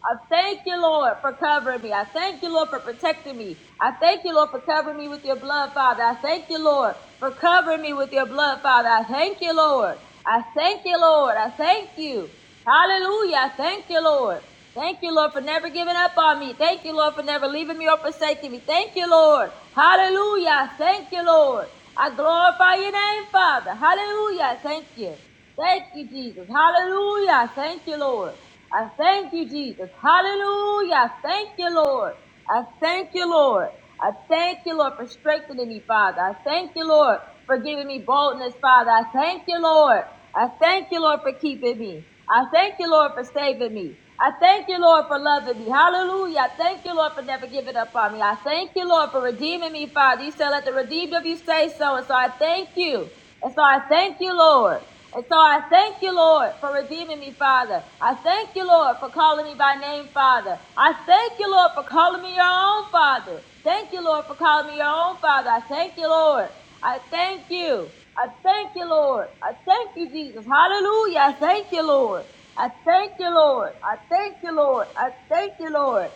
I thank you, Lord, for covering me. I thank you, Lord, for protecting me. I thank you, Lord, for covering me with your blood, Father. I thank you, Lord, for covering me with your blood, Father. I thank you, Lord. I thank you, Lord. I thank you. Hallelujah. I thank you, Lord. Thank you, Lord, for never giving up on me. Thank you, Lord, for never leaving me or forsaking me. Thank you, Lord. Hallelujah. I Thank you, Lord. I glorify your name, Father. Hallelujah. I Thank you. Thank you, Jesus. Hallelujah. Thank you, Lord. I thank you, Jesus. Hallelujah. Thank you, Lord. I thank you, Lord. I thank you, Lord, for strengthening me, Father. I thank you, Lord, for giving me boldness, Father. I thank you, Lord. I thank you, Lord, for keeping me. I thank you, Lord, for saving me. I thank you, Lord, for loving me. Hallelujah. I thank you, Lord, for never giving up on me. I thank you, Lord, for redeeming me, Father. You said, let the redeemed of you say so. And so I thank you. And so I thank you, Lord. And so I thank you, Lord, for redeeming me, Father. I thank you, Lord, for calling me by name, Father. I thank you, Lord, for calling me your own, Father. Thank you, Lord, for calling me your own, Father. I thank you, Lord. I thank you. I thank you, Lord. I thank you, Jesus. Hallelujah. I thank you, Lord. I thank you, Lord. I thank you, Lord. I thank you, Lord.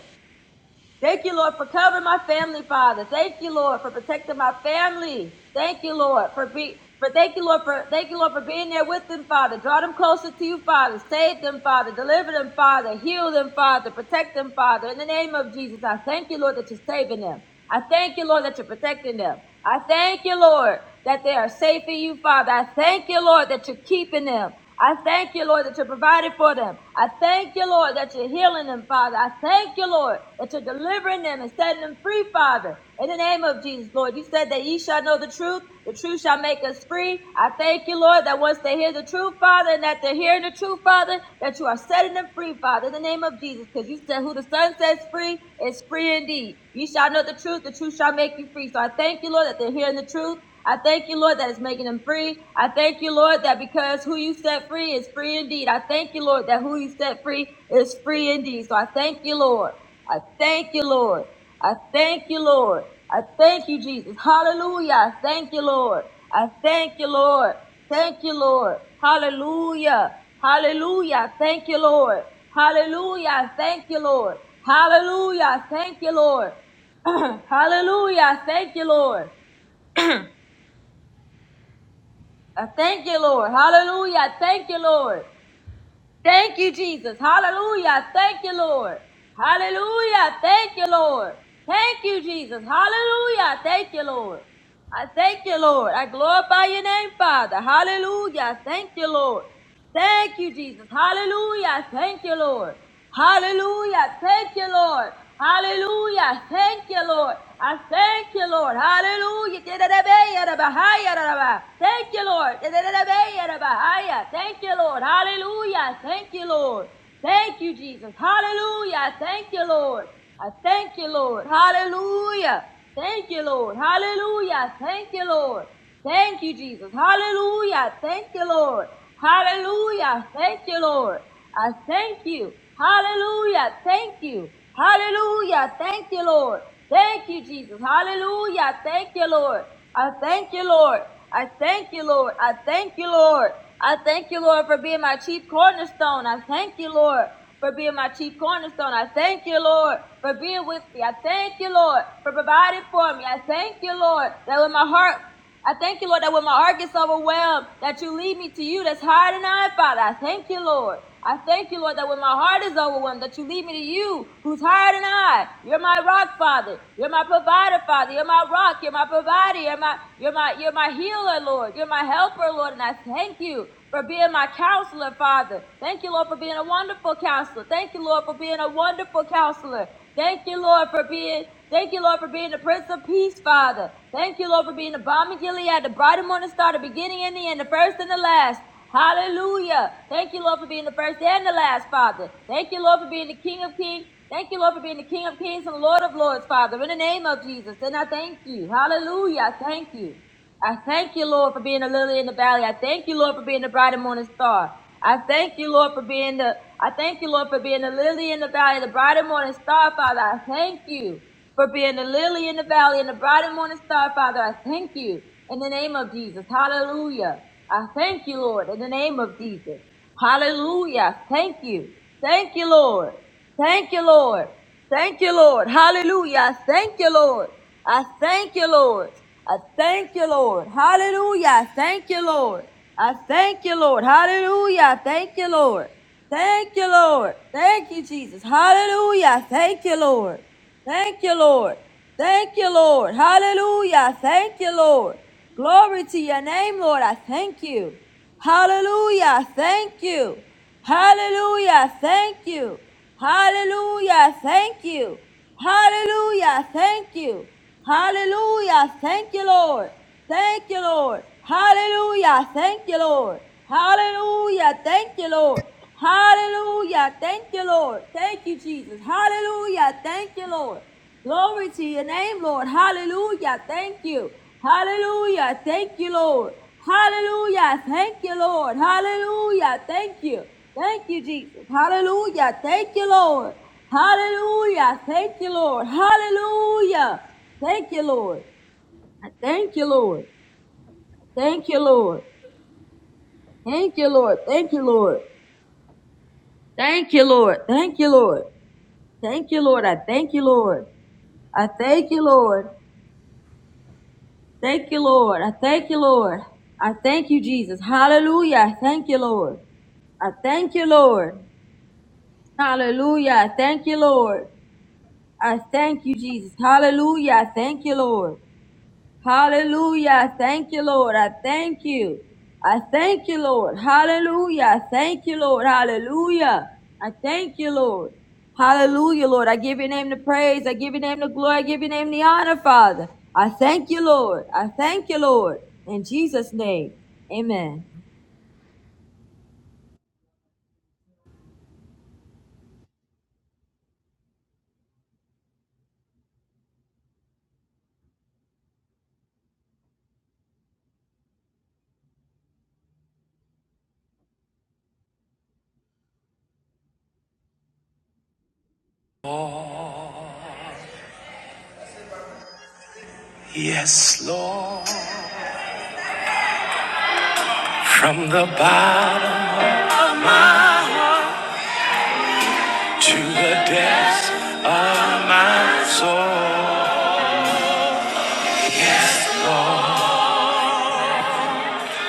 Thank you, Lord, for covering my family, Father. Thank you, Lord, for protecting my family. Thank you, Lord, for be for thank you, Lord, for thank you, Lord, for being there with them, Father. Draw them closer to you, Father. Save them, Father. Deliver them, Father. Heal them, Father. Protect them, Father. In the name of Jesus, I thank you, Lord, that you're saving them. I thank you, Lord, that you're protecting them. I thank you, Lord, that they are safe in you, Father. I thank you, Lord, that you're keeping them. I thank you, Lord, that you're providing for them. I thank you, Lord, that you're healing them, Father. I thank you, Lord, that you're delivering them and setting them free, Father. In the name of Jesus, Lord, you said that ye shall know the truth the truth shall make us free. I thank you, Lord, that once they hear the truth, Father, and that they're hearing the truth, Father, that you are setting them free, Father, in the name of Jesus. Because you said, who the Son sets free is free indeed. You shall know the truth. The truth shall make you free. So I thank you, Lord, that they're hearing the truth. I thank you, Lord, that it's making them free. I thank you, Lord, that because who you set free is free indeed. I thank you, Lord, that who you set free is free indeed. So I thank you, Lord. I thank you, Lord. I thank you, Lord. I thank you, Jesus. Hallelujah. I thank you, Lord. I thank you, Lord. Thank you, Lord. Hallelujah. Hallelujah. I Thank you, Lord. Hallelujah. I Thank you, Lord. Hallelujah. I Thank you, Lord. Hallelujah. I Thank you, Lord. I thank you, Lord. Hallelujah. I Thank you, Lord. Thank you, Jesus. Hallelujah. I Thank you, Lord. Hallelujah. I Thank you, Lord. Thank you, Jesus. Hallelujah. I Thank you, Lord. I thank you, Lord. I glorify your name, Father. Hallelujah. I Thank you, Lord. Thank you, Jesus. Hallelujah. I Thank you, Lord. Hallelujah. I Thank you, Lord. Hallelujah. I Thank you, Lord. I thank you, Lord. Hallelujah. Thank you, Lord. Thank you, Lord. Hallelujah. I Thank you, Lord. Thank you, Jesus. Hallelujah. I Thank you, Lord. I thank you, Lord. Hallelujah. Thank you, Lord. Hallelujah. I Thank you, Lord. Thank you, Jesus. Hallelujah. I Thank you, Lord. Hallelujah. I Thank you, Lord. I thank you. Hallelujah. I Thank you. Hallelujah. I Thank you, Lord. Thank you, Jesus. Hallelujah. I Thank you, Lord. I thank you, Lord. I thank you, Lord. I thank you, Lord. I thank you, Lord, for being my chief cornerstone. I thank you, Lord, for being my chief cornerstone. I thank you, Lord, for being with me. I thank you, Lord, for providing for me. I thank you, Lord, that when my heart I thank you, Lord, that when my heart gets overwhelmed, that you lead me to you. That's higher than I, Father. I thank you, Lord. I thank you, Lord, that when my heart is overwhelmed, that you lead me to you, who's higher than I. You're my rock, Father. You're my provider, Father. You're my rock. You're my provider. You're my, you're my, you're my healer, Lord. You're my helper, Lord. And I thank you for being my counselor, Father. Thank you, Lord, for being a wonderful counselor. Thank you, Lord, for being a wonderful counselor. Thank you, Lord, for being, thank you, Lord, for being the Prince of Peace, Father. Thank you, Lord, for being the bomb of Gilead, the bright and morning star, the beginning and the end, the first and the last. Hallelujah. Thank you, Lord, for being the first and the last, Father. Thank you, Lord, for being the King of Kings. Thank you, Lord, for being the King of Kings and Lord of Lords, Father. In the name of Jesus. And I thank you. Hallelujah. I thank you. I thank you, Lord, for being the lily in the valley. I thank you, Lord, for being the bright and morning star. I thank you, Lord, for being the I thank you, Lord, for being the lily in the valley, the bright and morning star, Father. I thank you for being the lily in the valley and the bright and morning star, Father. I thank you in the name of Jesus. Hallelujah. I thank you, Lord, in the name of Jesus. Hallelujah. Thank you. Thank you, Lord. Thank you, Lord. Thank you, Lord. Hallelujah. I Thank you, Lord. I thank you, Lord. I thank you, Lord. Hallelujah. I Thank you, Lord. I thank you, Lord. Hallelujah. I Thank you, Lord. Thank you, Lord. Thank you, Jesus. Hallelujah. Thank you, Lord. Thank you, Lord. Thank you, Lord. Hallelujah. Thank you, Lord. Glory to your name, Lord. I thank you. Hallelujah. Thank you. Hallelujah. Thank you. Hallelujah. Thank you. Hallelujah. Thank you. Hallelujah. Thank you, Lord. Thank you, Lord. Hallelujah. Thank you, Lord. Hallelujah. Thank you, Lord. Hallelujah. Thank you, Lord. Thank you, Jesus. Hallelujah. Thank you, Lord. Glory to your name, Lord. Hallelujah. Thank you. Hallelujah. Thank you, Lord. Hallelujah. Thank you, Lord. Hallelujah. Thank you. Thank you, Jesus. Hallelujah. Thank you, Lord. Hallelujah. Thank you, Lord. Hallelujah. Thank you, Lord. I thank you, Lord. I Thank you, Lord. Thank you, Lord. Thank you, Lord. Thank you, Lord. Thank you, Lord. Thank you, Lord. I thank you, Lord. I thank you, Lord. Thank you, Lord. I thank you, Lord. I thank you, Jesus. Hallelujah. I thank you, Lord. I thank you, Lord. Hallelujah. I thank you, Lord. I thank you, Jesus. Hallelujah. I thank you, Lord. Hallelujah. Thank you, Lord. I thank you. I thank you, Lord. Hallelujah. I thank you, Lord. Hallelujah. I thank you, Lord. Hallelujah, Lord. I give your name the praise. I give your name the glory. I give your name the honor, Father. I thank you, Lord. I thank you, Lord. In Jesus' name. Amen. Yes, Lord. From the bottom to the depths of my soul. Lord.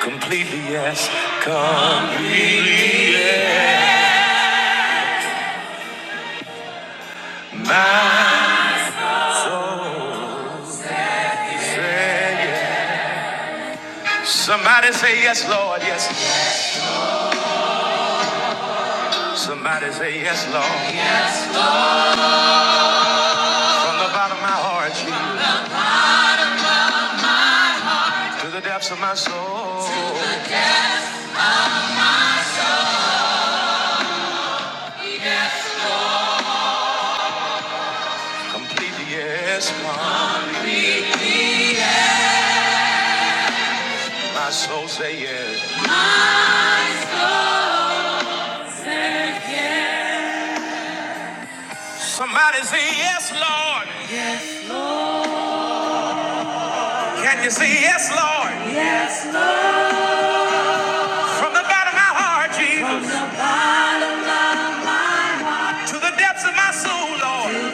Completely yes, completely yes. My soul say yes. Somebody say yes, Lord, yes. Somebody say yes, Lord. From the bottom of my heart Jesus, to the depths of my soul. Completely yes, Lord. My soul say yes. Somebody say yes, Lord. Can you say yes, Lord? From the bottom of my heart, Jesus, to the depths of my soul, Lord.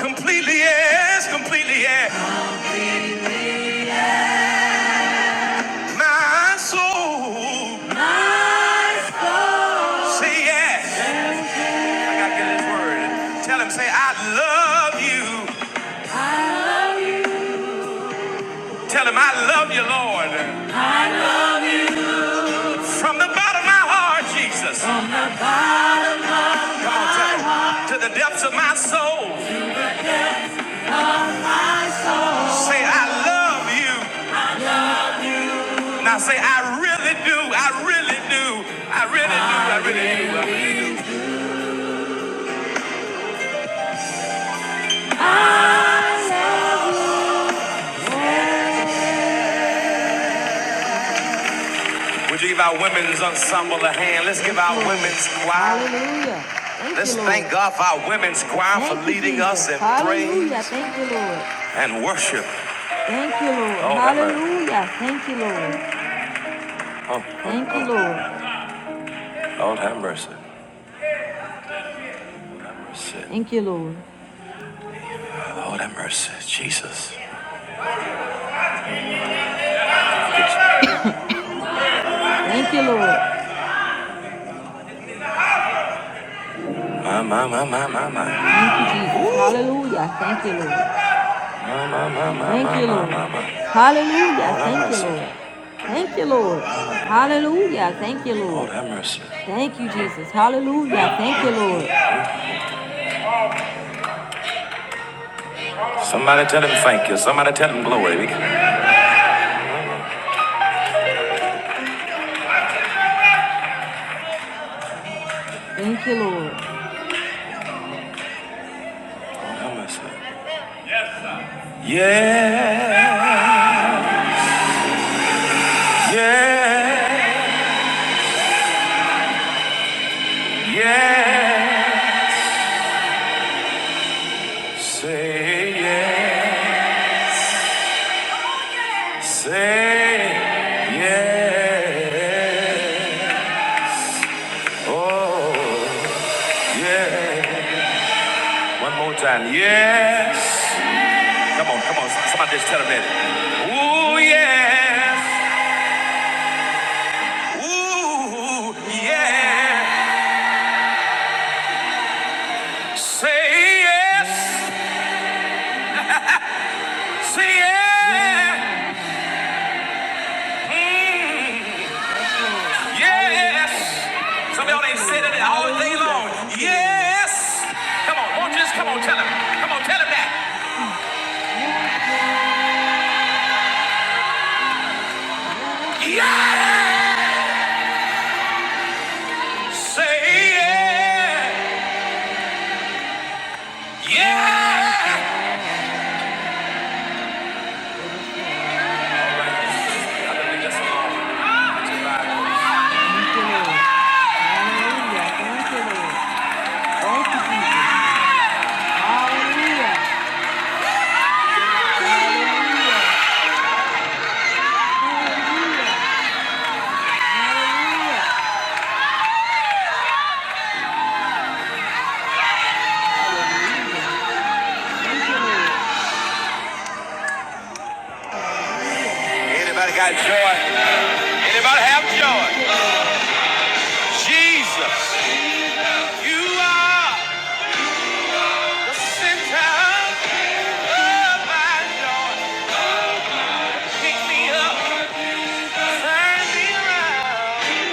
Completely yes, completely yes. My soul, say yes. I gotta get this word. Tell him, say, I love you. Tell him, I love you, Lord. From the bottom of my heart, Jesus. Come on, tell him. To the depths of my soul, say, I love you. Now say, I really do. I really do. I really do. I really do. I really do. Would you give our women's ensemble a hand? Let's give our women's choir. Hallelujah. Thank Let's you, thank Lord. Thank God for our women's choir Thank for you, leading Jesus. us in Hallelujah. praise Thank you, Lord. and worship. Thank you, Lord. Lord have mercy. Hallelujah. Thank you, Lord. Oh, oh, Thank you, oh, Lord. oh. Lord have mercy. Lord have mercy. Thank you, Lord. Lord have mercy. Jesus. Thank you, Lord. My, my, my, my, my, my. Thank you, Jesus. Ooh. Hallelujah. Thank you, Lord. My, my, my, my, Thank my, you, my, Lord. my, my. my. Hallelujah. Lord Thank you, Lord. Thank you, Lord. Hallelujah. Thank you, Lord Lord. have mercy. Thank you, Jesus. Hallelujah. Thank you, Lord. Somebody tell him thank you. Somebody tell him glory. We Thank you, Lord. Lord have mercy. Yeah. Yeah. Yeah. Say yeah. Say yeah. Oh, yeah. One more time. Yes. Come on, come on. Somebody just tell him that. Ooh, yes. Ooh, yeah. Say yes. Say yeah. Mm, yes. Some of y'all ain't said it all day long. Yes. Come on, won't you just come on, tell him. Come on, tell him that. Yeah. Say yeah. Yeah. Anybody got joy? Anybody have joy? Jesus, you are the center of my joy. Pick me up, turn me around.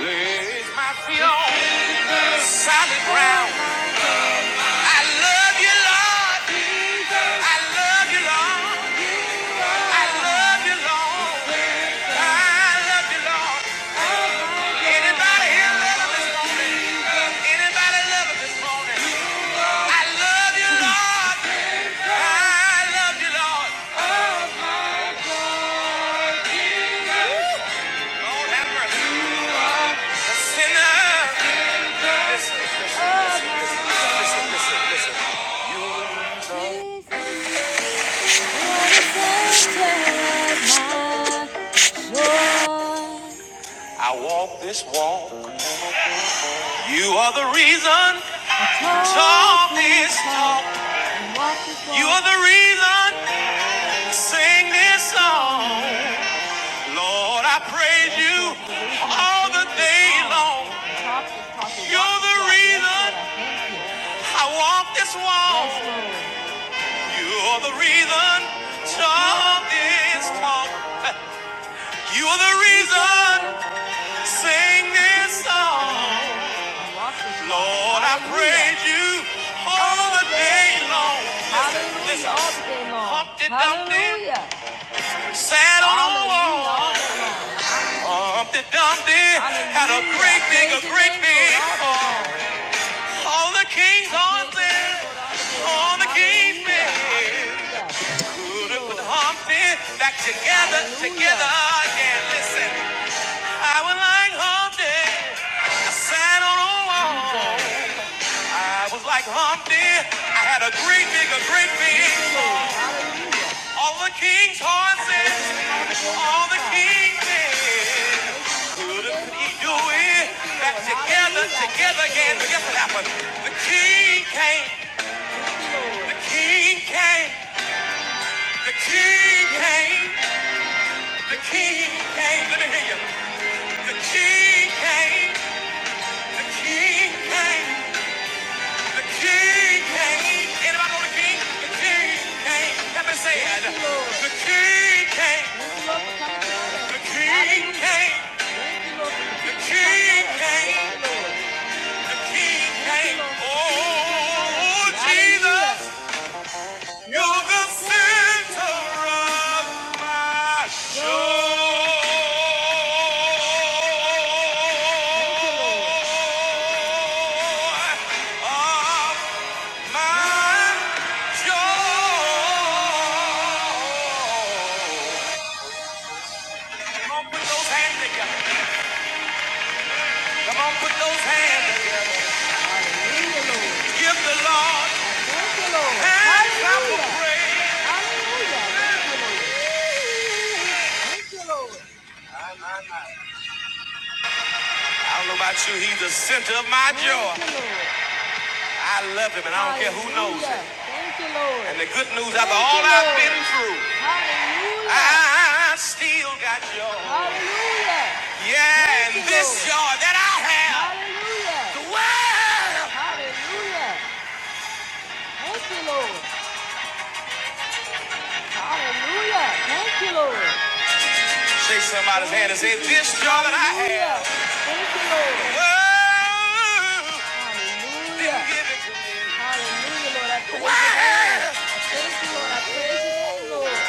Place my feet on solid ground. I love you, Lord. I love you, Lord. I love you, Lord. I love you, Lord. Anybody here love him this morning? Anybody love him this morning? I love you, Lord. I love you, Lord. Lord, have mercy. A sinner. Listen, listen, listen, listen, listen, listen. You are the reason talk this talk. You are the reason sing this song. Lord, I praise you all the day long. You're the reason I walk this walk. You're the reason talk this talk. You're the reason sing this song. Lord, I praise you all the day long. Listen, listen. Humpty Dumpty sat on a wall. Humpty Dumpty had a great big, a great big fall. All the king's horses, all the king's men could put Humpty back together, together again. Listen, I was like Humpty, I sat on a wall. I was like Humpty, I had a great big, a great big fall. All the king's horses, all the king's men. Couldn't he do it? Back together, together again. But guess what happened? The king came, the king came, the king came, the king came. Let me hear you. The king came, the king came, the king came. Anybody know the king? The king came. Let me say it. The king came, the king came. King came, the King came. Oh, Jesus, you're the center of my joy. Of my joy. Come on, put those hands together. Come on, put those hands together. Give the Lord hands of pray. I don't know about you, he's the center of my joy. I love him, and I don't care who knows it. Thank you, Lord. And the good news, after all I've been through, I still got joy. Hallelujah. Yeah, and this joy that I have, the world Hallelujah. Thank you, Lord. Hallelujah. Thank you, Lord. Take somebody's hand and say, This joy that I have. Thank you, Lord. Whoa, Hallelujah. didn't get Hallelujah, Lord.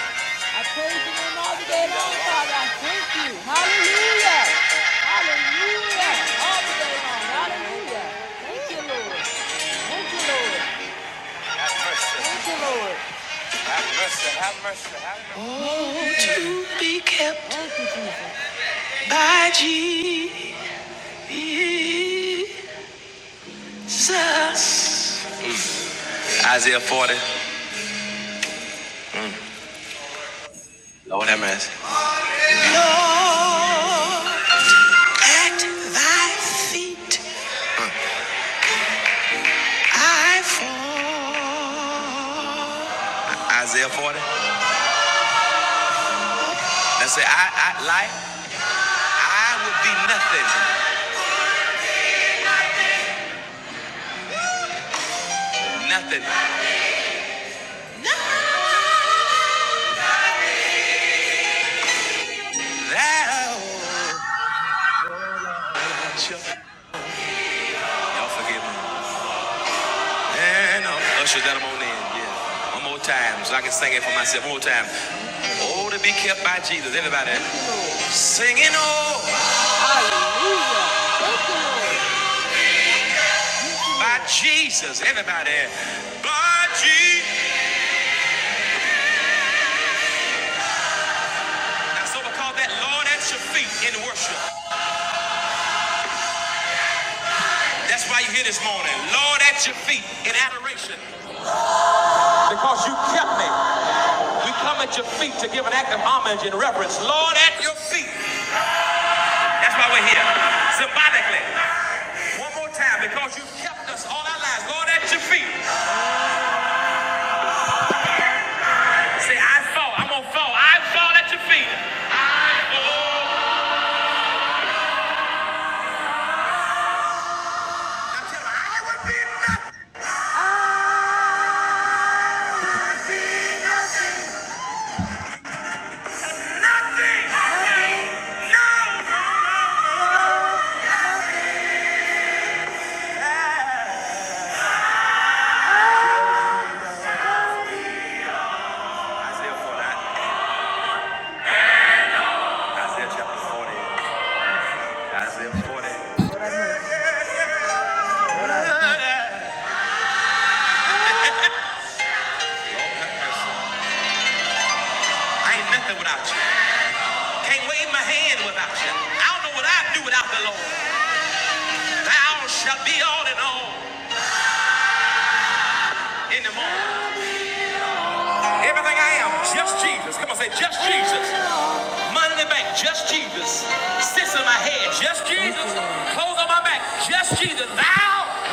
I praise your name. Wow. I thank you, Lord. I praise your name, Lord. I praise your name all the day long, Father. I thank you. Hallelujah. Hallelujah. All the day long. Hallelujah. Thank you, Lord. Thank you, Lord. Thank you, Lord. Thank you. My Jesus. Isaiah 40. Lord have mercy. At thy feet I fall. Isaiah 40. Now say, I, I like, I would be nothing, nothing. Thou, y'all forgive me. And I'll usher that on in, yeah. One more time, so I can sing it for myself. One more time. Oh, to be kept by Jesus, everybody. Singing, oh, by Jesus, everybody. By Jesus. That's what we call that Lord at your feet in worship. That's why you are here this morning. Lord, at your feet in adoration. Because you kept me. We come at your feet to give an act of homage and reverence. Lord, at your feet. That's why we're here. Symbolically. One more time. Because you kept us all our lives. Lord, at your feet. Say, I fall. I'm going to fall. I fall at your feet. I fall. Isaiah chapter 40. Isaiah 40. I ain't nothing without you. Can't wave my hand without you. I don't know what I'd do without the Lord. Thou shalt be all in all in the morning. Everything I am, just Jesus. Come on, say just Jesus. Money in the bank, just Jesus. Sits in my head, just Jesus. Clothes on my back, just Jesus. Now,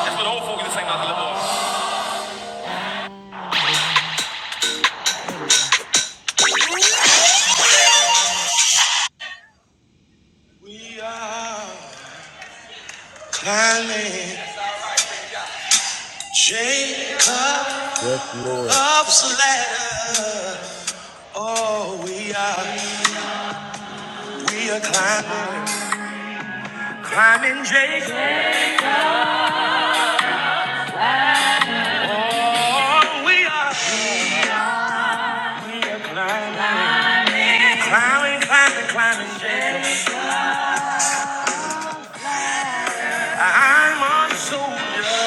that's what old folks say about the Lord. Jacob's Yes, Lord. ladder. Oh, we are, we are climbing, climbing Jacob, climbing, climbing, climbing, climbing Jacob. I'm a soldier,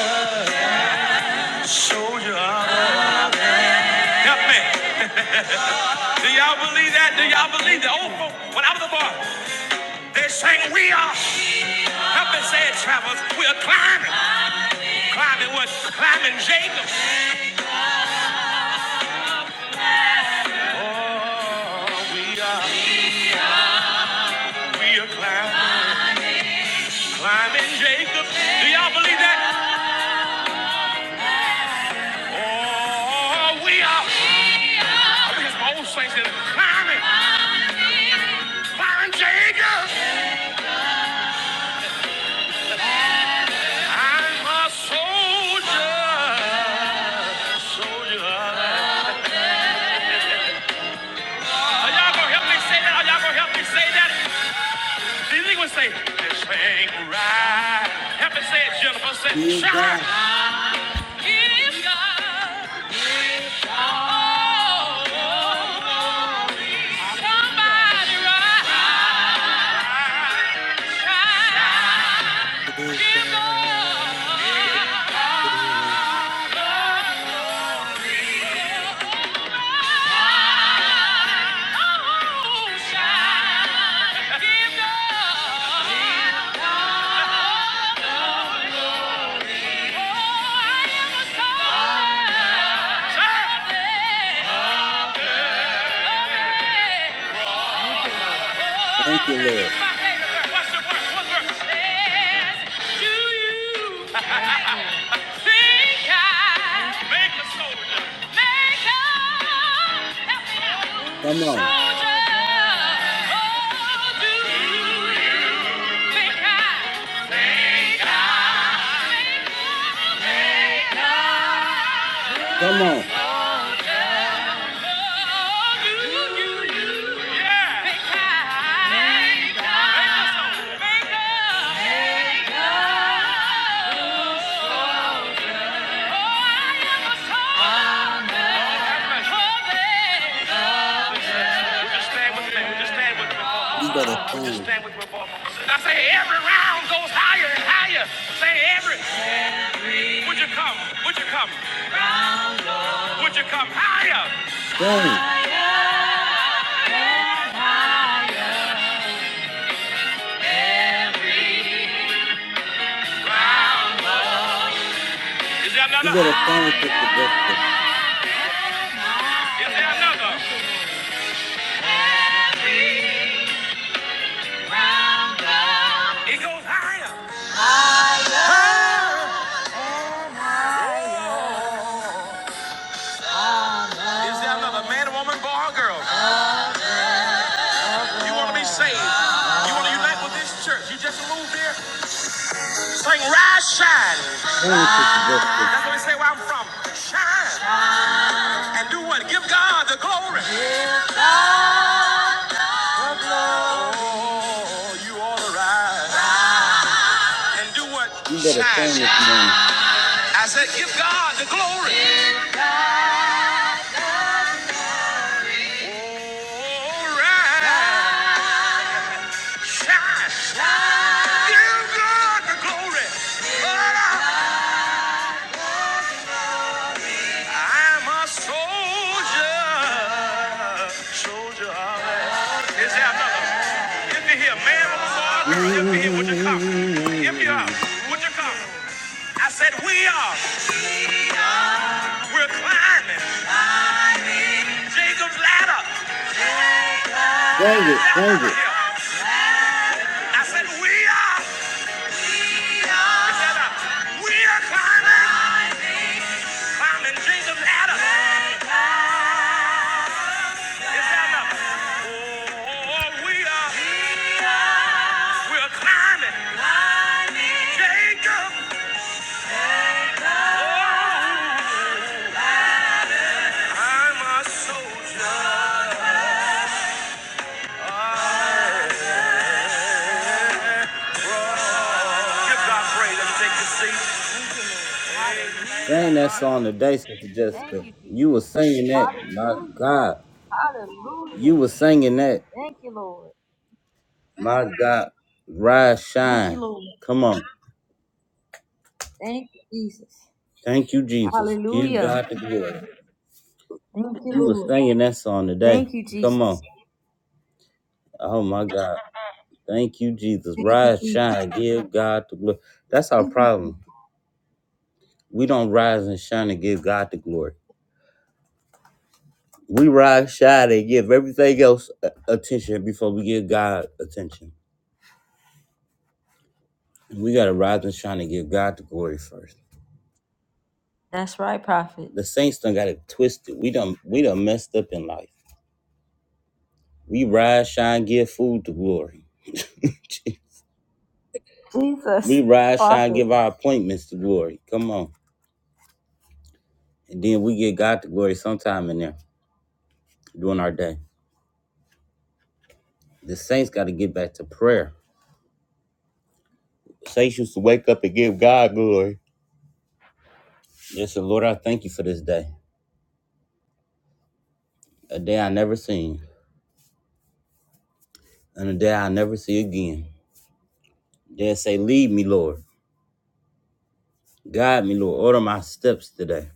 soldier. Help me. Do y'all believe that? Do y'all believe that? Oh, oh, when I was a boy, they sang, We are, help me say it, travelers, we are climbing. Climbing what? Climbing Jacob. Oh, we are, we are climbing. Climbing Jacob. Do y'all believe that? Oh, we are. I think it's my old saints that are climbing. Climbing Jacob. I'm a soldier. Soldier. Are y'all gonna help me say that? Are y'all gonna help me say that? Did anyone say, this ain't right? Help me say it, Jennifer. Say, Dear shine. God, If God orders, thank you, Lord. do you think I make make up? Help me out, Come on, soldier. Oh, do you think I? come on. Oh, do you? You better sing, I Say every round goes higher and higher. Say every. Would you come? Would you come? Would you come higher? sing. You Is better sing, Sister Victor. there another man, woman, boy, or girl? You want to be saved? You want to unite with this church? You just moved here. Sing, rise, shine. Sing, Sister Victor. That's what we say where I'm from. Shine and do what? Give God the glory. You all arise and do what? You better sing Shine. this morning. I said, give God the glory. All right. Shine. Give God the glory. I'm a soldier. Now, another. If you're here, man, woman, boy, or girl, if you're here, come. If you are, mm would you come? I said, we are. We're climbing Jacob's ladder. Sing Is it, there sing another it. here? I said, we are. Sing that song today, Sister Jessica. You were singing that, my God. You were singing that, Thank you, Lord. my God. Rise, Thank you, shine. Lord. Come on. Thank you, Jesus. Thank you, Jesus. Give Hallelujah. God the glory. Thank you, You were Lord. singing that song today. Thank you, Come Jesus. on. Oh, my God. Thank you, Jesus. Thank you, Rise, Jesus. shine. Give God the glory. That's our Thank you. problem. We don't rise and shine and give God the glory. We rise shine, and give everything else a- attention before we give God attention. We gotta rise and shine and give God the glory first. That's right, prophet. The saints done got it twisted. We done we done messed up in life. We rise, shine, give food to glory. We Jesus, rise, shine, prophet. give our appointments to glory. Come on. And then we get God to glory sometime in there during our day. The saints gotta get back to prayer. Saints used to wake up and give God glory. Yes, and Lord, I thank you for this day. A day I never seen. And a day I never see again. Then say, Lead me, Lord. Guide me, Lord. Order my steps today.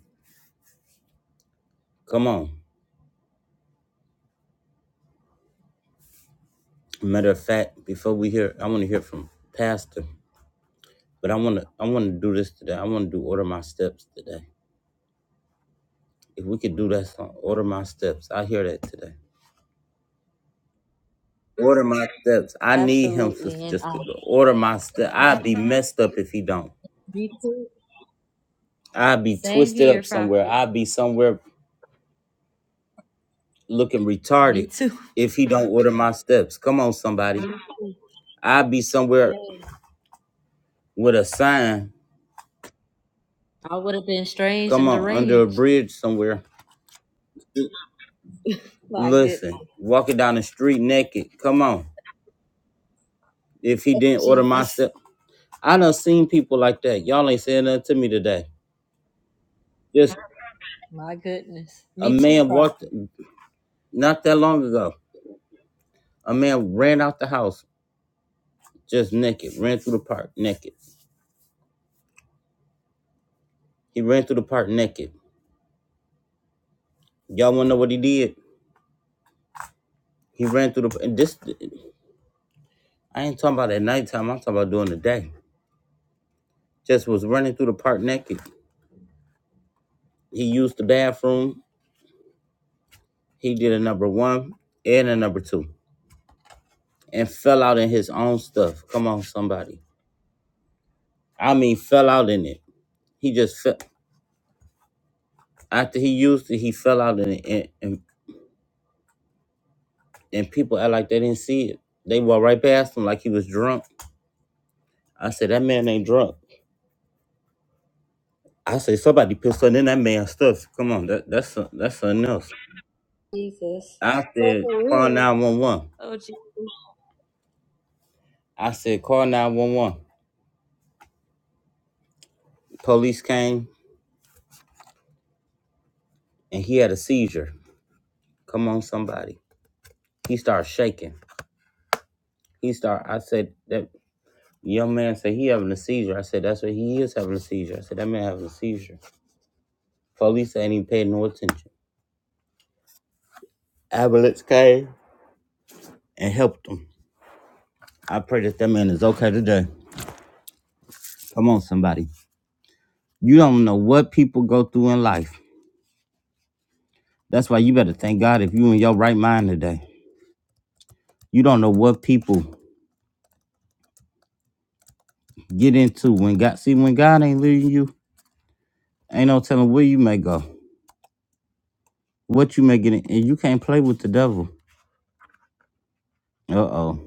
Come on. Matter of fact, before we hear, I want to hear from Pastor. But I want to, I want to do this today. I want to do order my steps today. If we could do that song, order my steps. I hear that today. Order my steps. I need him, Sister Jessica. to Order my steps. I'd be messed up if he don't. Me too. I'd be Same twisted here, up somewhere. prophet. I'd be somewhere looking Me retarded too. if he don't order my steps. Come on, somebody. Me too. I'd be somewhere Yes. with a sign I would have been strange Come and on, under a deranged. bridge somewhere. My goodness. Listen, walking down the street naked. Come on. If he Oh, didn't order my Jesus. step, I done seen people like that. Y'all ain't saying nothing to me today. Just My goodness. a Me too, man walked Prophet. not that long ago. A man ran out the house just naked, ran through the park naked. He ran through the park naked. Y'all wanna know what he did? He ran through the and this. I ain't talking about at nighttime. I'm talking about during the day. Just was running through the park naked. He used the bathroom. He did a number one and a number two and fell out in his own stuff. Come on, somebody. I mean, fell out in it. He just fell. After he used it, he fell out in it. And, and, and people act like they didn't see it. They walked right past him like he was drunk. I said, that man ain't drunk. I said, somebody pissed on in that man's stuff. Come on, that, that's, some- that's something else. I said, call 911. Oh, Jesus. I said, call 911. Police came and he had a seizure. Come on, somebody. He started shaking. He start. I said that young man said he having a seizure. I said that's what he is having a seizure. I said that man having a seizure. Police ain't even paid no attention. Ambulance came and helped him. I pray that that man is okay today. Come on, somebody. You don't know what people go through in life. That's why you better thank God if you in your right mind today. You don't know what people get into when God see when God ain't leading you, ain't no telling where you may go, what you may get in, and you can't play with the devil. Uh oh.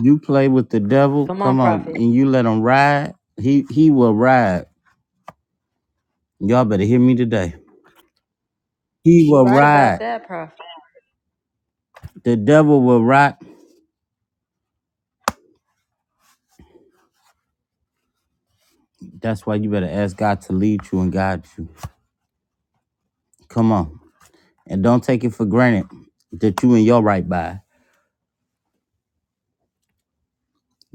You play with the devil, Come on, come on, Prophet. and you let him ride. He he will ride. Y'all better hear me today. He You will right about ride. that, Prophet. The devil will ride. That's why you better ask God to lead you and guide you. Come on. And don't take it for granted that you in your right mind.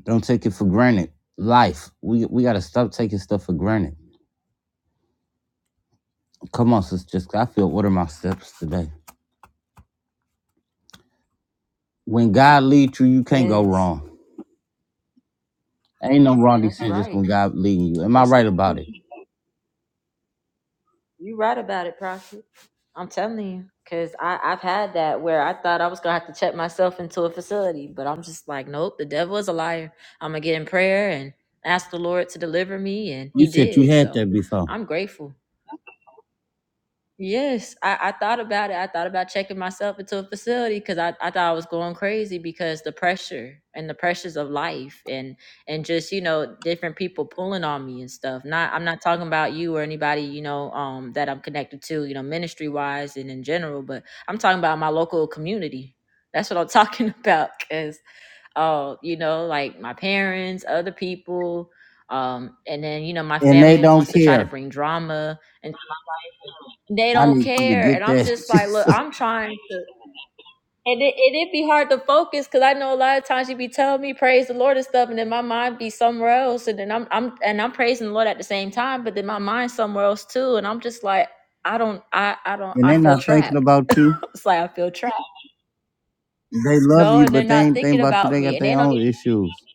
Don't take it for granted. Life. We we gotta stop taking stuff for granted. Come on, sister Jessica. I feel What are my steps today. When God leads you, you can't go Yes. wrong. Ain't no wrong That's decisions when right. God leading you. Am I That's right about it? you right about it, Prophet. I'm telling you, because I've had that where I thought I was going to have to check myself into a facility, but I'm just like, nope, the devil is a liar. I'm going to get in prayer and ask the Lord to deliver me, and You he said you did. had So that before. I'm grateful. Yes, I, I thought about it. I thought about checking myself into a facility because I, I thought I was going crazy because the pressure and the pressures of life and and just you know different people pulling on me and stuff. Not I'm not talking about you or anybody you know um that I'm connected to you know ministry wise and in general, but I'm talking about my local community. That's what I'm talking about because uh you know like my parents, other people, um and then you know my And they family don't wants to try to care. bring drama they I don't need you to care. And get I'm that. just like, look, I'm trying to. And it, and it be hard to focus because I know a lot of times you be telling me praise the Lord and stuff, and then my mind be somewhere else, and then I'm I'm and I'm praising the Lord at the same time, but then my mind's somewhere else too, and I'm just like, I don't, I I don't, and I they feel not thinking trapped. about you. It's like I feel trapped, They love no, you, and they're but they not ain't thinking thinking about you. about They me, got and they their don't own issues.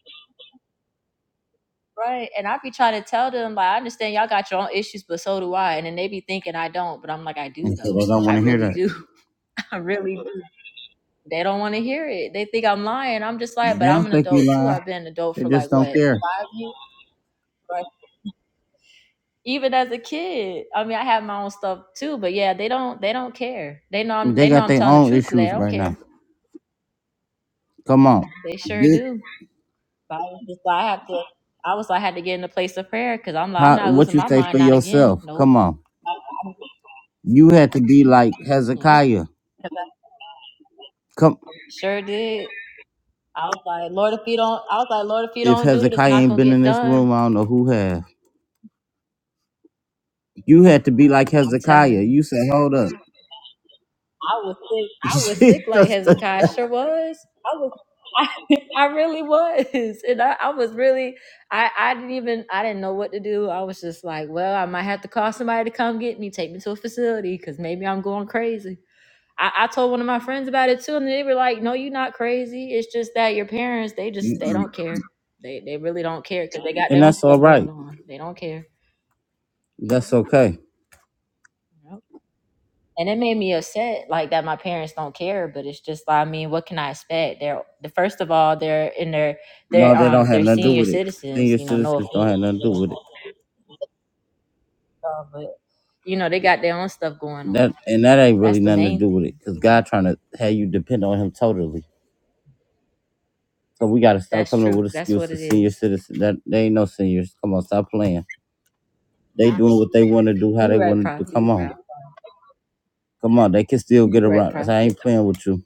even right. And I be trying to tell them like, I understand y'all got your own issues, but so do I, and then they be thinking I don't, but I'm like, I do And so though, they don't I want to hear really that. do, I really They don't want to hear it. They think I'm lying. I'm just like, but They I'm don't an think you adult too. lying. I've been an adult They for just like what don't care. five years, right? Even as a kid, I mean, I have my own stuff too. But yeah, they don't. They don't care. They know. I'm, They they know got I'm their telling the own truth, but they issues don't right now. care. Come on. They sure This, do. But I was just like, I have to. I was like, I had to get in a place of prayer because I'm like, I'm how, not what losing you my say mind. for Not again. yourself? Nope. Come on. I- I- You had to be like Yeah. Hezekiah. 'Cause I Come. Sure did. I was like, Lord, if you don't, I was like, Lord, if you If don't do it, it's Hezekiah not ain't gonna been in get this done. room, I don't know who have. You had to be I- like I'm Hezekiah. telling you. You said, hold up. I was sick. I Jesus, was sick like that- Hezekiah sure was. I was. I, I really was, and I, I was really. I I didn't even. I didn't know what to do. I was just like, well, I might have to call somebody to come get me, take me to a facility, because maybe I'm going crazy. I, I told one of my friends about it too, and they were like, "No, you're not crazy. It's just that your parents, they just they don't care. They they really don't care because they got and their own that's all stuff going right. on. They don't care." That's okay. and it made me upset like that my parents don't care but it's just i mean what can i expect they're the first of all they're in their No, they're that don't um have they're nothing to do senior with it. citizens Senior you know no citizens don't offense have nothing to do with it. uh, but you know they got their own stuff going on That and that ain't really that's the nothing to main do with it, thing cause you know God trying to have you depend on Him totally. So we gotta stop that's coming up true with that's what it excuses. Senior is citizens, that they ain't no seniors. Come on, stop playing. They doing what they want to do, how you they right want to prophet do. Come you on, right come on. They can still get you right around. I prophet ain't playing with you.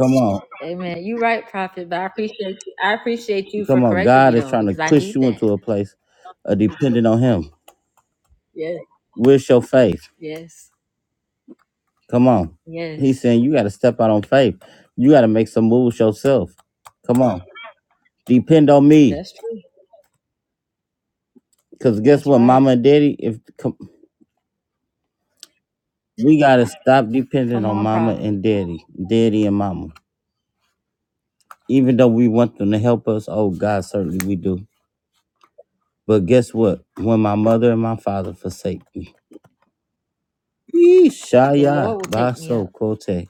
Come on, amen you right prophet but i appreciate you i appreciate you for come on. correcting me God is though trying to because i push need you into that a place of depending on Him. yes Where's your faith? yes Come on. He's yes saying you got to step out on faith. You got to make some moves yourself. Come on. Depend on me. that's true Because guess that's what, mama right and daddy, if come, we got to stop depending come on on mama prophet and daddy, daddy and mama. Even though we want them to help us, oh God, certainly we do. But guess what? When my mother and my father forsake me, Yee, the Lord Shaya will take me Baso up. Kote.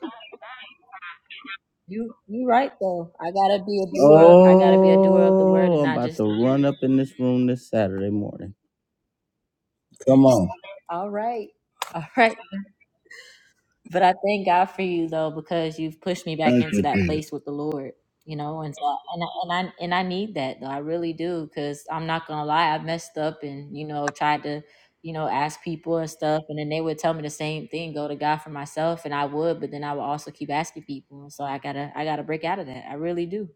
You you right though. I gotta be a doer. I gotta be a doer of the word Oh, and I'm not about just to a hearer. run up in this room this Saturday morning. Come on. All right. All right. But I thank God for you though, because you've pushed me back Thank into you, that Jesus. place with the Lord. You know, and so and I, and I and I need that though. I really do, because I'm not gonna lie. I messed up and you know tried to you know ask people and stuff, and then they would tell me the same thing. Go to God for myself, and I would, but then I would also keep asking people. And so I gotta I gotta break out of that. I really do.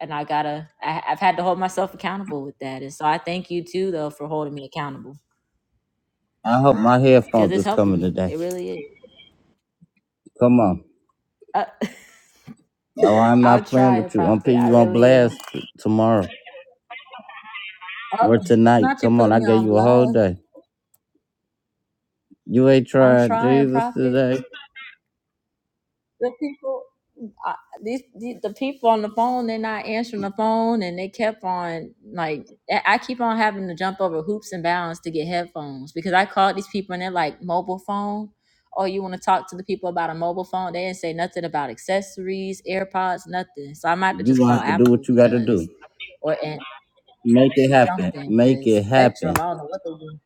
and I gotta I, I've had to hold myself accountable with that. And so I thank you too though for holding me accountable I hope my because headphones it's is helping coming me. today. It really is. Come on. Uh, Oh, I'm I'll not playing try a with you. I'm prophet. putting I you on really am. blast t- tomorrow Oh, or tonight. not you Come on, put I me gave on you a whole blast. day. You ain't I'm tried trying, Jesus prophet. today. the people uh, these, these the people on the phone they're not answering the phone and they kept on like i I keep on having to jump over hoops and bounds to get headphones because i called these people and they're like mobile phone oh you want to talk to the people about a mobile phone they didn't say nothing about accessories airpods nothing so i might have to You just gonna call have to do what apple you gotta do. because or and Make it happen. something Make it because happen. spectrum i don't know what the one.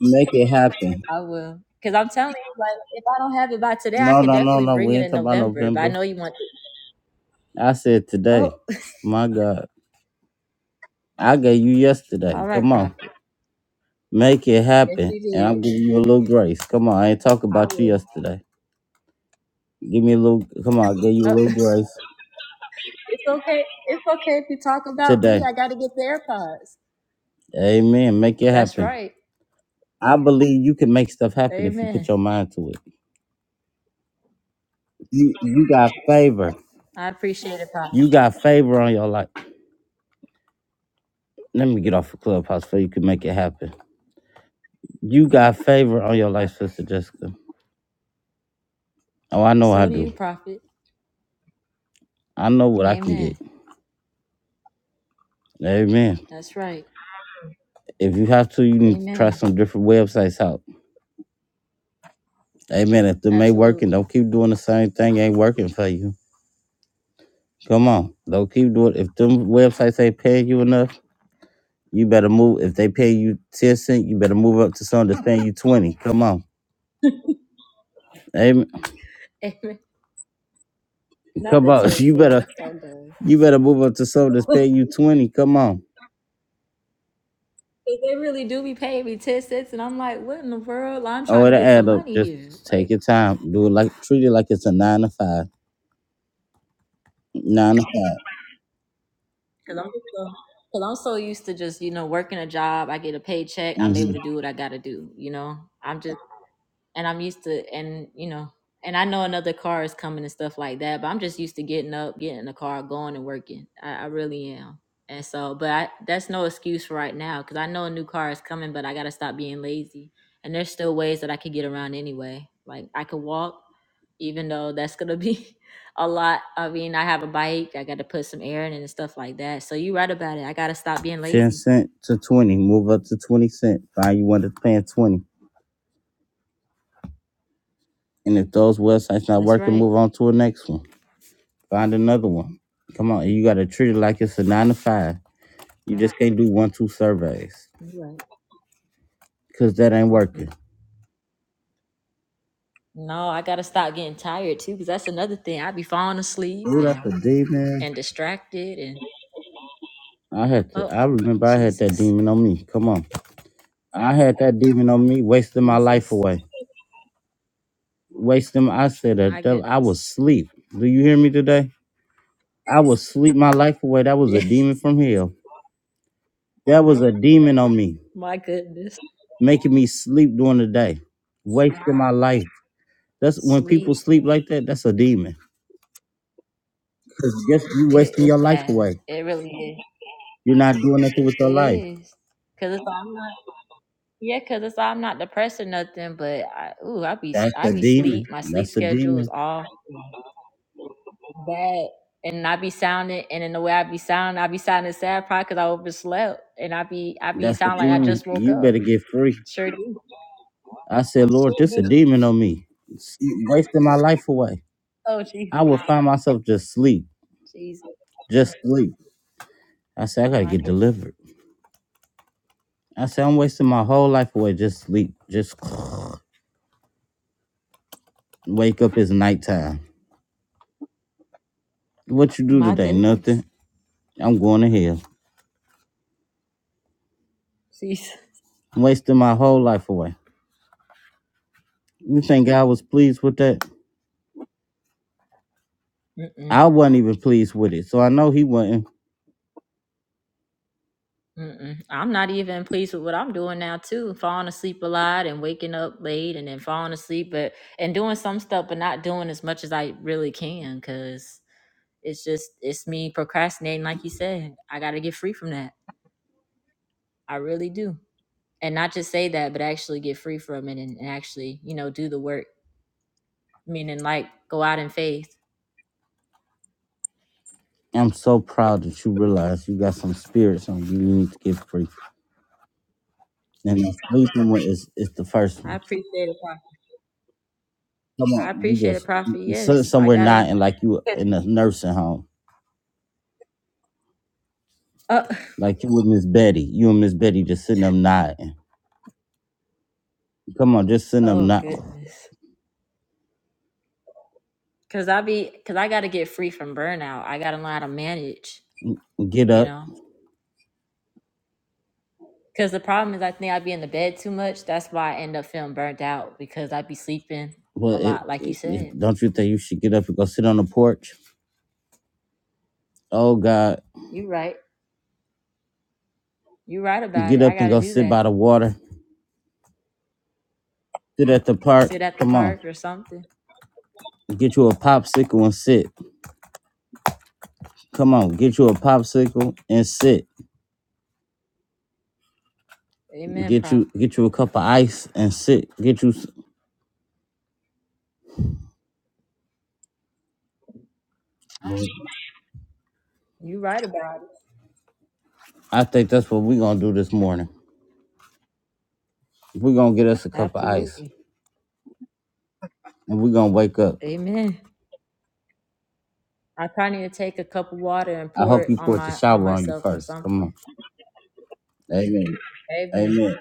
Make it happen. i will because i'm telling you like if i don't have it by today i No, could no, no, definitely no. bring We it ain't in talking about november but i November. know you want I said oh today. My God. I gave you All yesterday. right, Come on. Prophet. Make it If happen. you And I'm did, giving you a little grace. Come on. I ain't talking I about you will. yesterday. Give me a little, come on, give you a Uh, little grace it's okay. It's okay if you talk about me. today. I got to get the AirPods. Amen. Make it That's happen. right. I believe you can make stuff happen if you put Amen. your mind to it. You, you got favor. I appreciate it, Prophet. You got favor on your life. Let me get off the clubhouse so you can make it happen. You got favor on your Uh, life, Sister Jessica. Oh, I know I so do do. you, Prophet. I know what I can Amen. get. Amen. That's right. If you have to, you need to try Amen. some different websites out. Amen. If them ain't working, Absolutely. don't keep doing the same thing. Ain't working for you. Come on. Don't keep doing If them websites ain't paying you enough, You better move. If they pay you 10 cents, you better move up to something that's paying you 20. Come on. Amen. Amen. Not Come the on. 10 You better cents. I'm done. you better move up to something that's paying you 20. Come on. 'Cause they really do be paying me 10 cents, and I'm like, what in the world? Like, I'm Oh, trying to it'll get some add up. money Just here. Like, take your time. Do it like treat it like it's a nine to five. Nine to 5 Cause I'm just so, cause I'm so used to just you know working a job. I get a paycheck. I'm able Mm-hmm. to do what I got to do. You know, I'm just and I'm used to and you know and I know another car is coming and stuff like that, but I'm just used to getting up, getting in the car, going and working. I, I really am. And so, but I, that's no excuse for right now because I know a new car is coming, but I got to stop being lazy. And there's still ways that I could get around anyway. Like I could walk, even though that's going to be a lot. I mean, I have a bike, I got to put some air in it and stuff like that. So you're right about it. I got to stop being 10 lazy. cent to 20. Move up to 20 cent. Find you one that's paying 20. And if those websites not That's working, right. move on to the next one. Find another one. Come on. You gotta treat it like it's a nine to five. You just can't do one, two surveys. You're right. Cause that ain't Mm-mm. working. No, I gotta stop getting tired too, because that's another thing. I be falling asleep Oh, that's and a demon. and distracted and I had to. oh I remember I had that Jesus, demon on me. Come on, I had that demon on me, wasting my life Jesus, away. Wasting. I said my that devil- I goodness, was sleep. Do you hear me today? I was sleep my life away. That was a demon yes, from hell. That was a demon on me, my goodness, making me sleep during the day, wasting my life. That's when people sleep. sleep like that. That's a demon. Cause guess you It, wasting it's your life bad. away. It really is. You're not doing nothing with It your life. is. Cause it's all I'm not. Yeah, cause it's all I'm not depressed or nothing. But I, ooh, I be That's I a be demon. sleep. My sleep That's a schedule is demon. off. bad and I be sounding and in the way I be sounding, I be sounding sad probably because I overslept and I be I be That's a sound like I demon. just woke You up. better get free. Sure do. I said, Lord, Sure this a do. demon on me. It's wasting my life away. Oh Jesus. I would find myself just sleep, Jesus. just sleep. I said, I gotta My get go- delivered. I said, I'm wasting my whole life away. Just sleep. Just wake up. It's nighttime. What you do my today? goodness. Nothing. I'm going to hell. Jesus. I'm wasting my whole life away. You think God was pleased with that? Mm-mm, I wasn't even pleased with it. So I know he wasn't. mm-mm. I'm not even pleased with what I'm doing now too. Falling asleep a lot and waking up late and then falling asleep but and doing some stuff but not doing as much as I really can because it's just it's me procrastinating like you said. I gotta get free from that. I really do. And not just say that, but actually get free from it and, and actually, you know, do the work. Meaning like go out in faith. I'm so proud that you realize you got some spirits on you. You need to get free. And the sleeping one is, is the first one. I appreciate it, Prophet. Come I on, you appreciate it, just you- Prophet. you sit Yes. I somewhere gotta nodding like you in a nursing home, oh, like you with Miss Betty. You and Miss Betty just sitting up nodding. Come on, just sitting up oh nod. goodness. Cause I be cause I gotta get free from burnout. I gotta learn how to manage, Get you up. know. Cause the problem is I think I be in the bed too much. That's why I end up feeling burnt out because I be sleeping Well, a it, lot, like you it, said. it- don't you think you should get up and go sit on the porch? Oh God, You right. You right about get it. I up and gotta go do sit that. by the water. Sit at the park. Sit at the Come on, park or something. get you a popsicle and sit. Come on, get you a popsicle and sit. Amen, Get Prophet. you get you a cup of ice and sit. Get you. s- You're right about it. I think that's what we gonna do this morning. We're gonna get us a cup of ice Absolutely. and we're gonna wake up. Amen. I probably need to take a cup of water and I pour hope it you on poured the my on shower on you myself or first. Come something. on. Amen. Amen. Amen.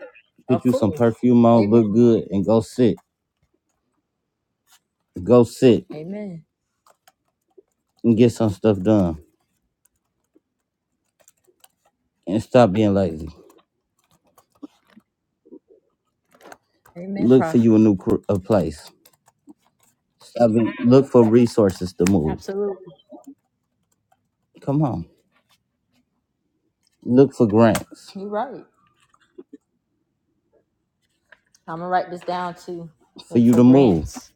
Get Of you some course. perfume on, Amen. look good, and go sit. Go sit Amen. and get some stuff done. And stop being lazy. Amen, Look for prophet. you a new cr- a place. Stop being, look for resources to move. Absolutely. Come on. Look for grants You're right. I'm gonna write this down too. for Look you for to move. grants.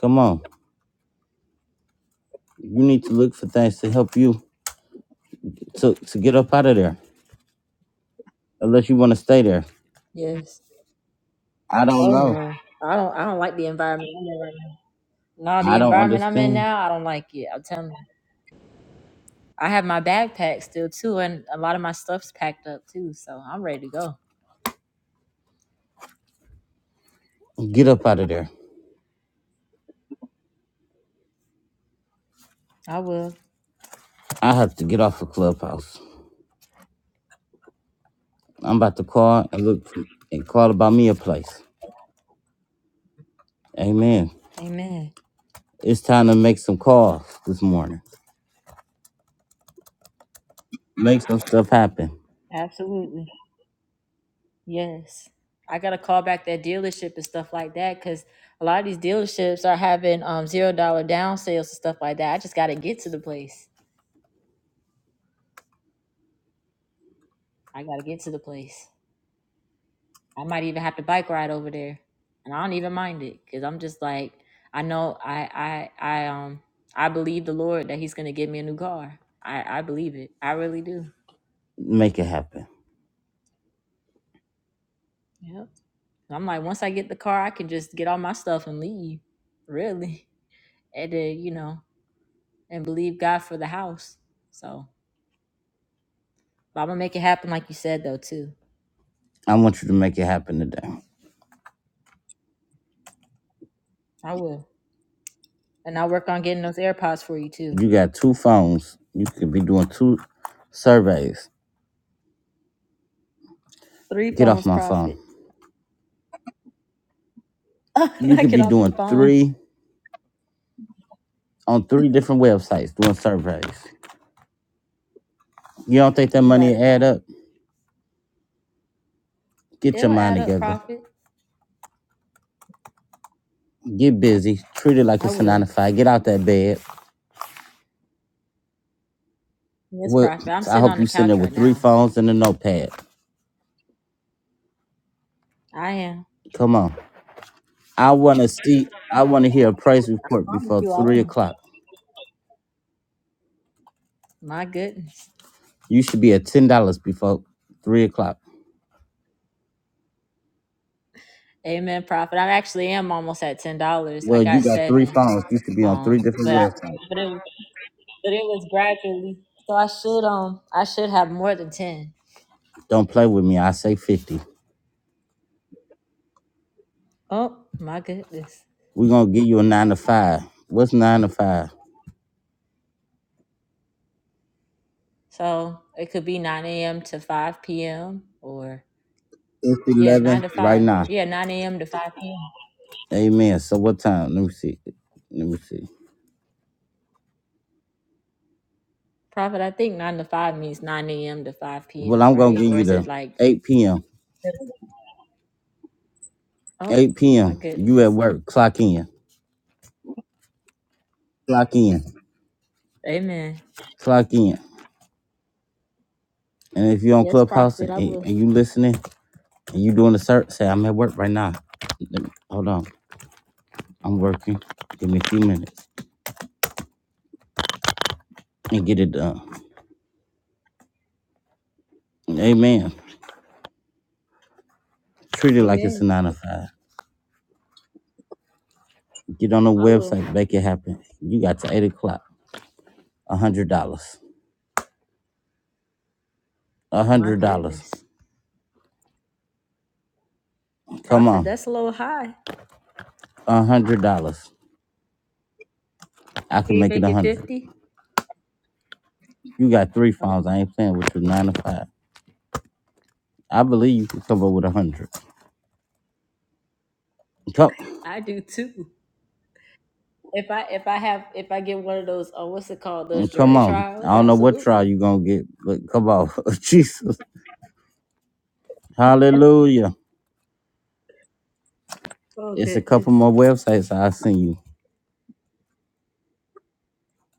Come on. You need to look for things to help you to, to get up out of there. Unless you want to stay there. Yes. I don't Oh know. no. I don't I don't like the environment I'm in right now. No, I the don't environment I'm in understand. now, I don't like it. I'm telling you. I have my backpack still too, and a lot of my stuff's packed up too, so I'm ready to go. Get up out of there. I will. I have to get off the clubhouse. I'm about to call and look for, and call about me a place. Amen. Amen. It's time to make some calls this morning. Make some stuff happen. Absolutely. Yes. I got to call back that dealership and stuff like that because a lot of these dealerships are having um zero dollar down sales and stuff like that. I just got to get to the place. I got to get to the place. I might even have to bike ride over there, and I don't even mind it because I'm just like I know I I I um I believe the Lord that He's gonna give me a new car. I I believe it. I really do. Make it happen. Yep. I'm like once I get the car, I can just get all my stuff and leave. Really. And then you know and believe God for the house. So, but I'm gonna make it happen, like you said, though, too. I want you to make it happen today. I will, and I'll work on getting those AirPods for you too. You got two phones. You could be doing two surveys. Three Get off phones, my phone. profit. You Knock could it be off your doing phone. three on three different websites doing surveys. You don't think that You're right money add about it. up? Get your It'll mind add up, together. profit. Get busy. Treat it like I it's a nine will. to five. Get out that bed. Yes, What? profit. I'm I sitting hope on you the sitting there couch right with three now. phones and a notepad. I am. Come on. I want to see. I want to hear a price report I'm with before you. I three am. o'clock. My goodness. You should be at ten dollars before three o'clock. Amen, profit. I actually am almost at ten dollars. I Well, got you got three seven. phones. You should be on three Um, different but I, websites. but it, but it was gradually. So I should um, I should have more than ten. Don't play with me. I say fifty. Oh my goodness. We're gonna give you a nine to five. What's nine to five? So it could be 9 a.m. to 5 p.m. or It's yeah, 9 eleven to right 5. now. Yeah, 9 a.m. to 5 p.m. Amen. So what time? Let me see. Let me see. Prophet, I think 9 to 5 means 9 a.m. to 5 Well, p.m., I'm gonna right? give Or you is it the like, eight p.m. oh 8 my p.m. You at goodness. work. Clock in. Clock in. Amen. Clock in. And if you're on Yes, Clubhouse Prophet, and, I will. and you listening and you doing a search, say I'm at work right now. Let me- Hold on. I'm working. Give me a few minutes and get it done. Amen. Treat it like it's a Amen. nine to five. Get on the I will. website, make it happen. You got to eight o'clock. A hundred dollars. A My hundred dollars. goodness. Come Prophet, on. that's a little high. A hundred dollars. I Can can you make it make a it hundred. 50? You got three Oh, phones. I ain't playing with you. okay. Nine to five. I believe you can come up with a hundred. Come, I do too. If I if I have if I get one of those oh what's it called those mm, come jury on. I trials don't know what trial absolutely you're going to get, but come on. Jesus. Hallelujah. oh It's a goodness couple more websites I'll send you.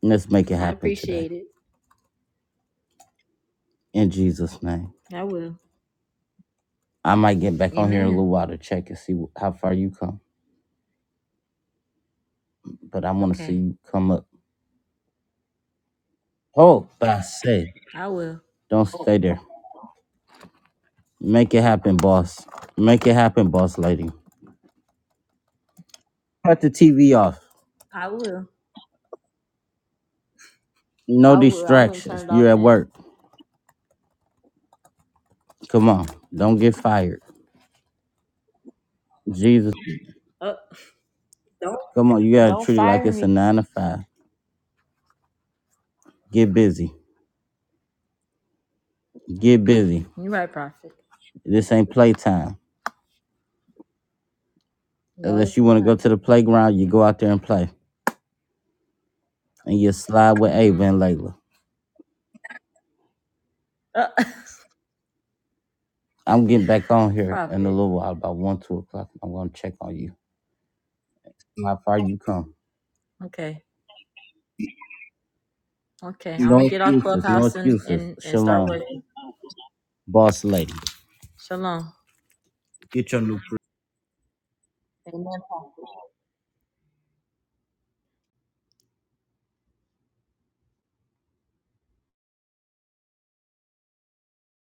Let's make it I happen today. appreciate it In Jesus' name. I will I might get back on here in a amen little while to check and see wh- how far you come, but I want to see okay you come up. Oh, but I say, I will don't stay there. Make it happen, boss. Make it happen, boss lady. Cut the TV off. I will No I will I'm gonna turn distractions. it You're off at now work. Come on. Don't get fired. Jesus. oh don't Come on, you gotta don't treat it like fire it's a me nine to five. Get busy. Get busy. you're right prophet This ain't playtime. no Unless it's you wanna not go to the playground, you go out there and play. And you slide with Ava Mm-mm. and Layla. Uh, I'm getting back on here in a prophet little while, about one, two o'clock. I'm gonna check on you. How far you come. okay okay I'm No gonna get off excuses, no clubhouse and excuses. and, and start Shalom, working boss lady. shalom Get your new amen prophet.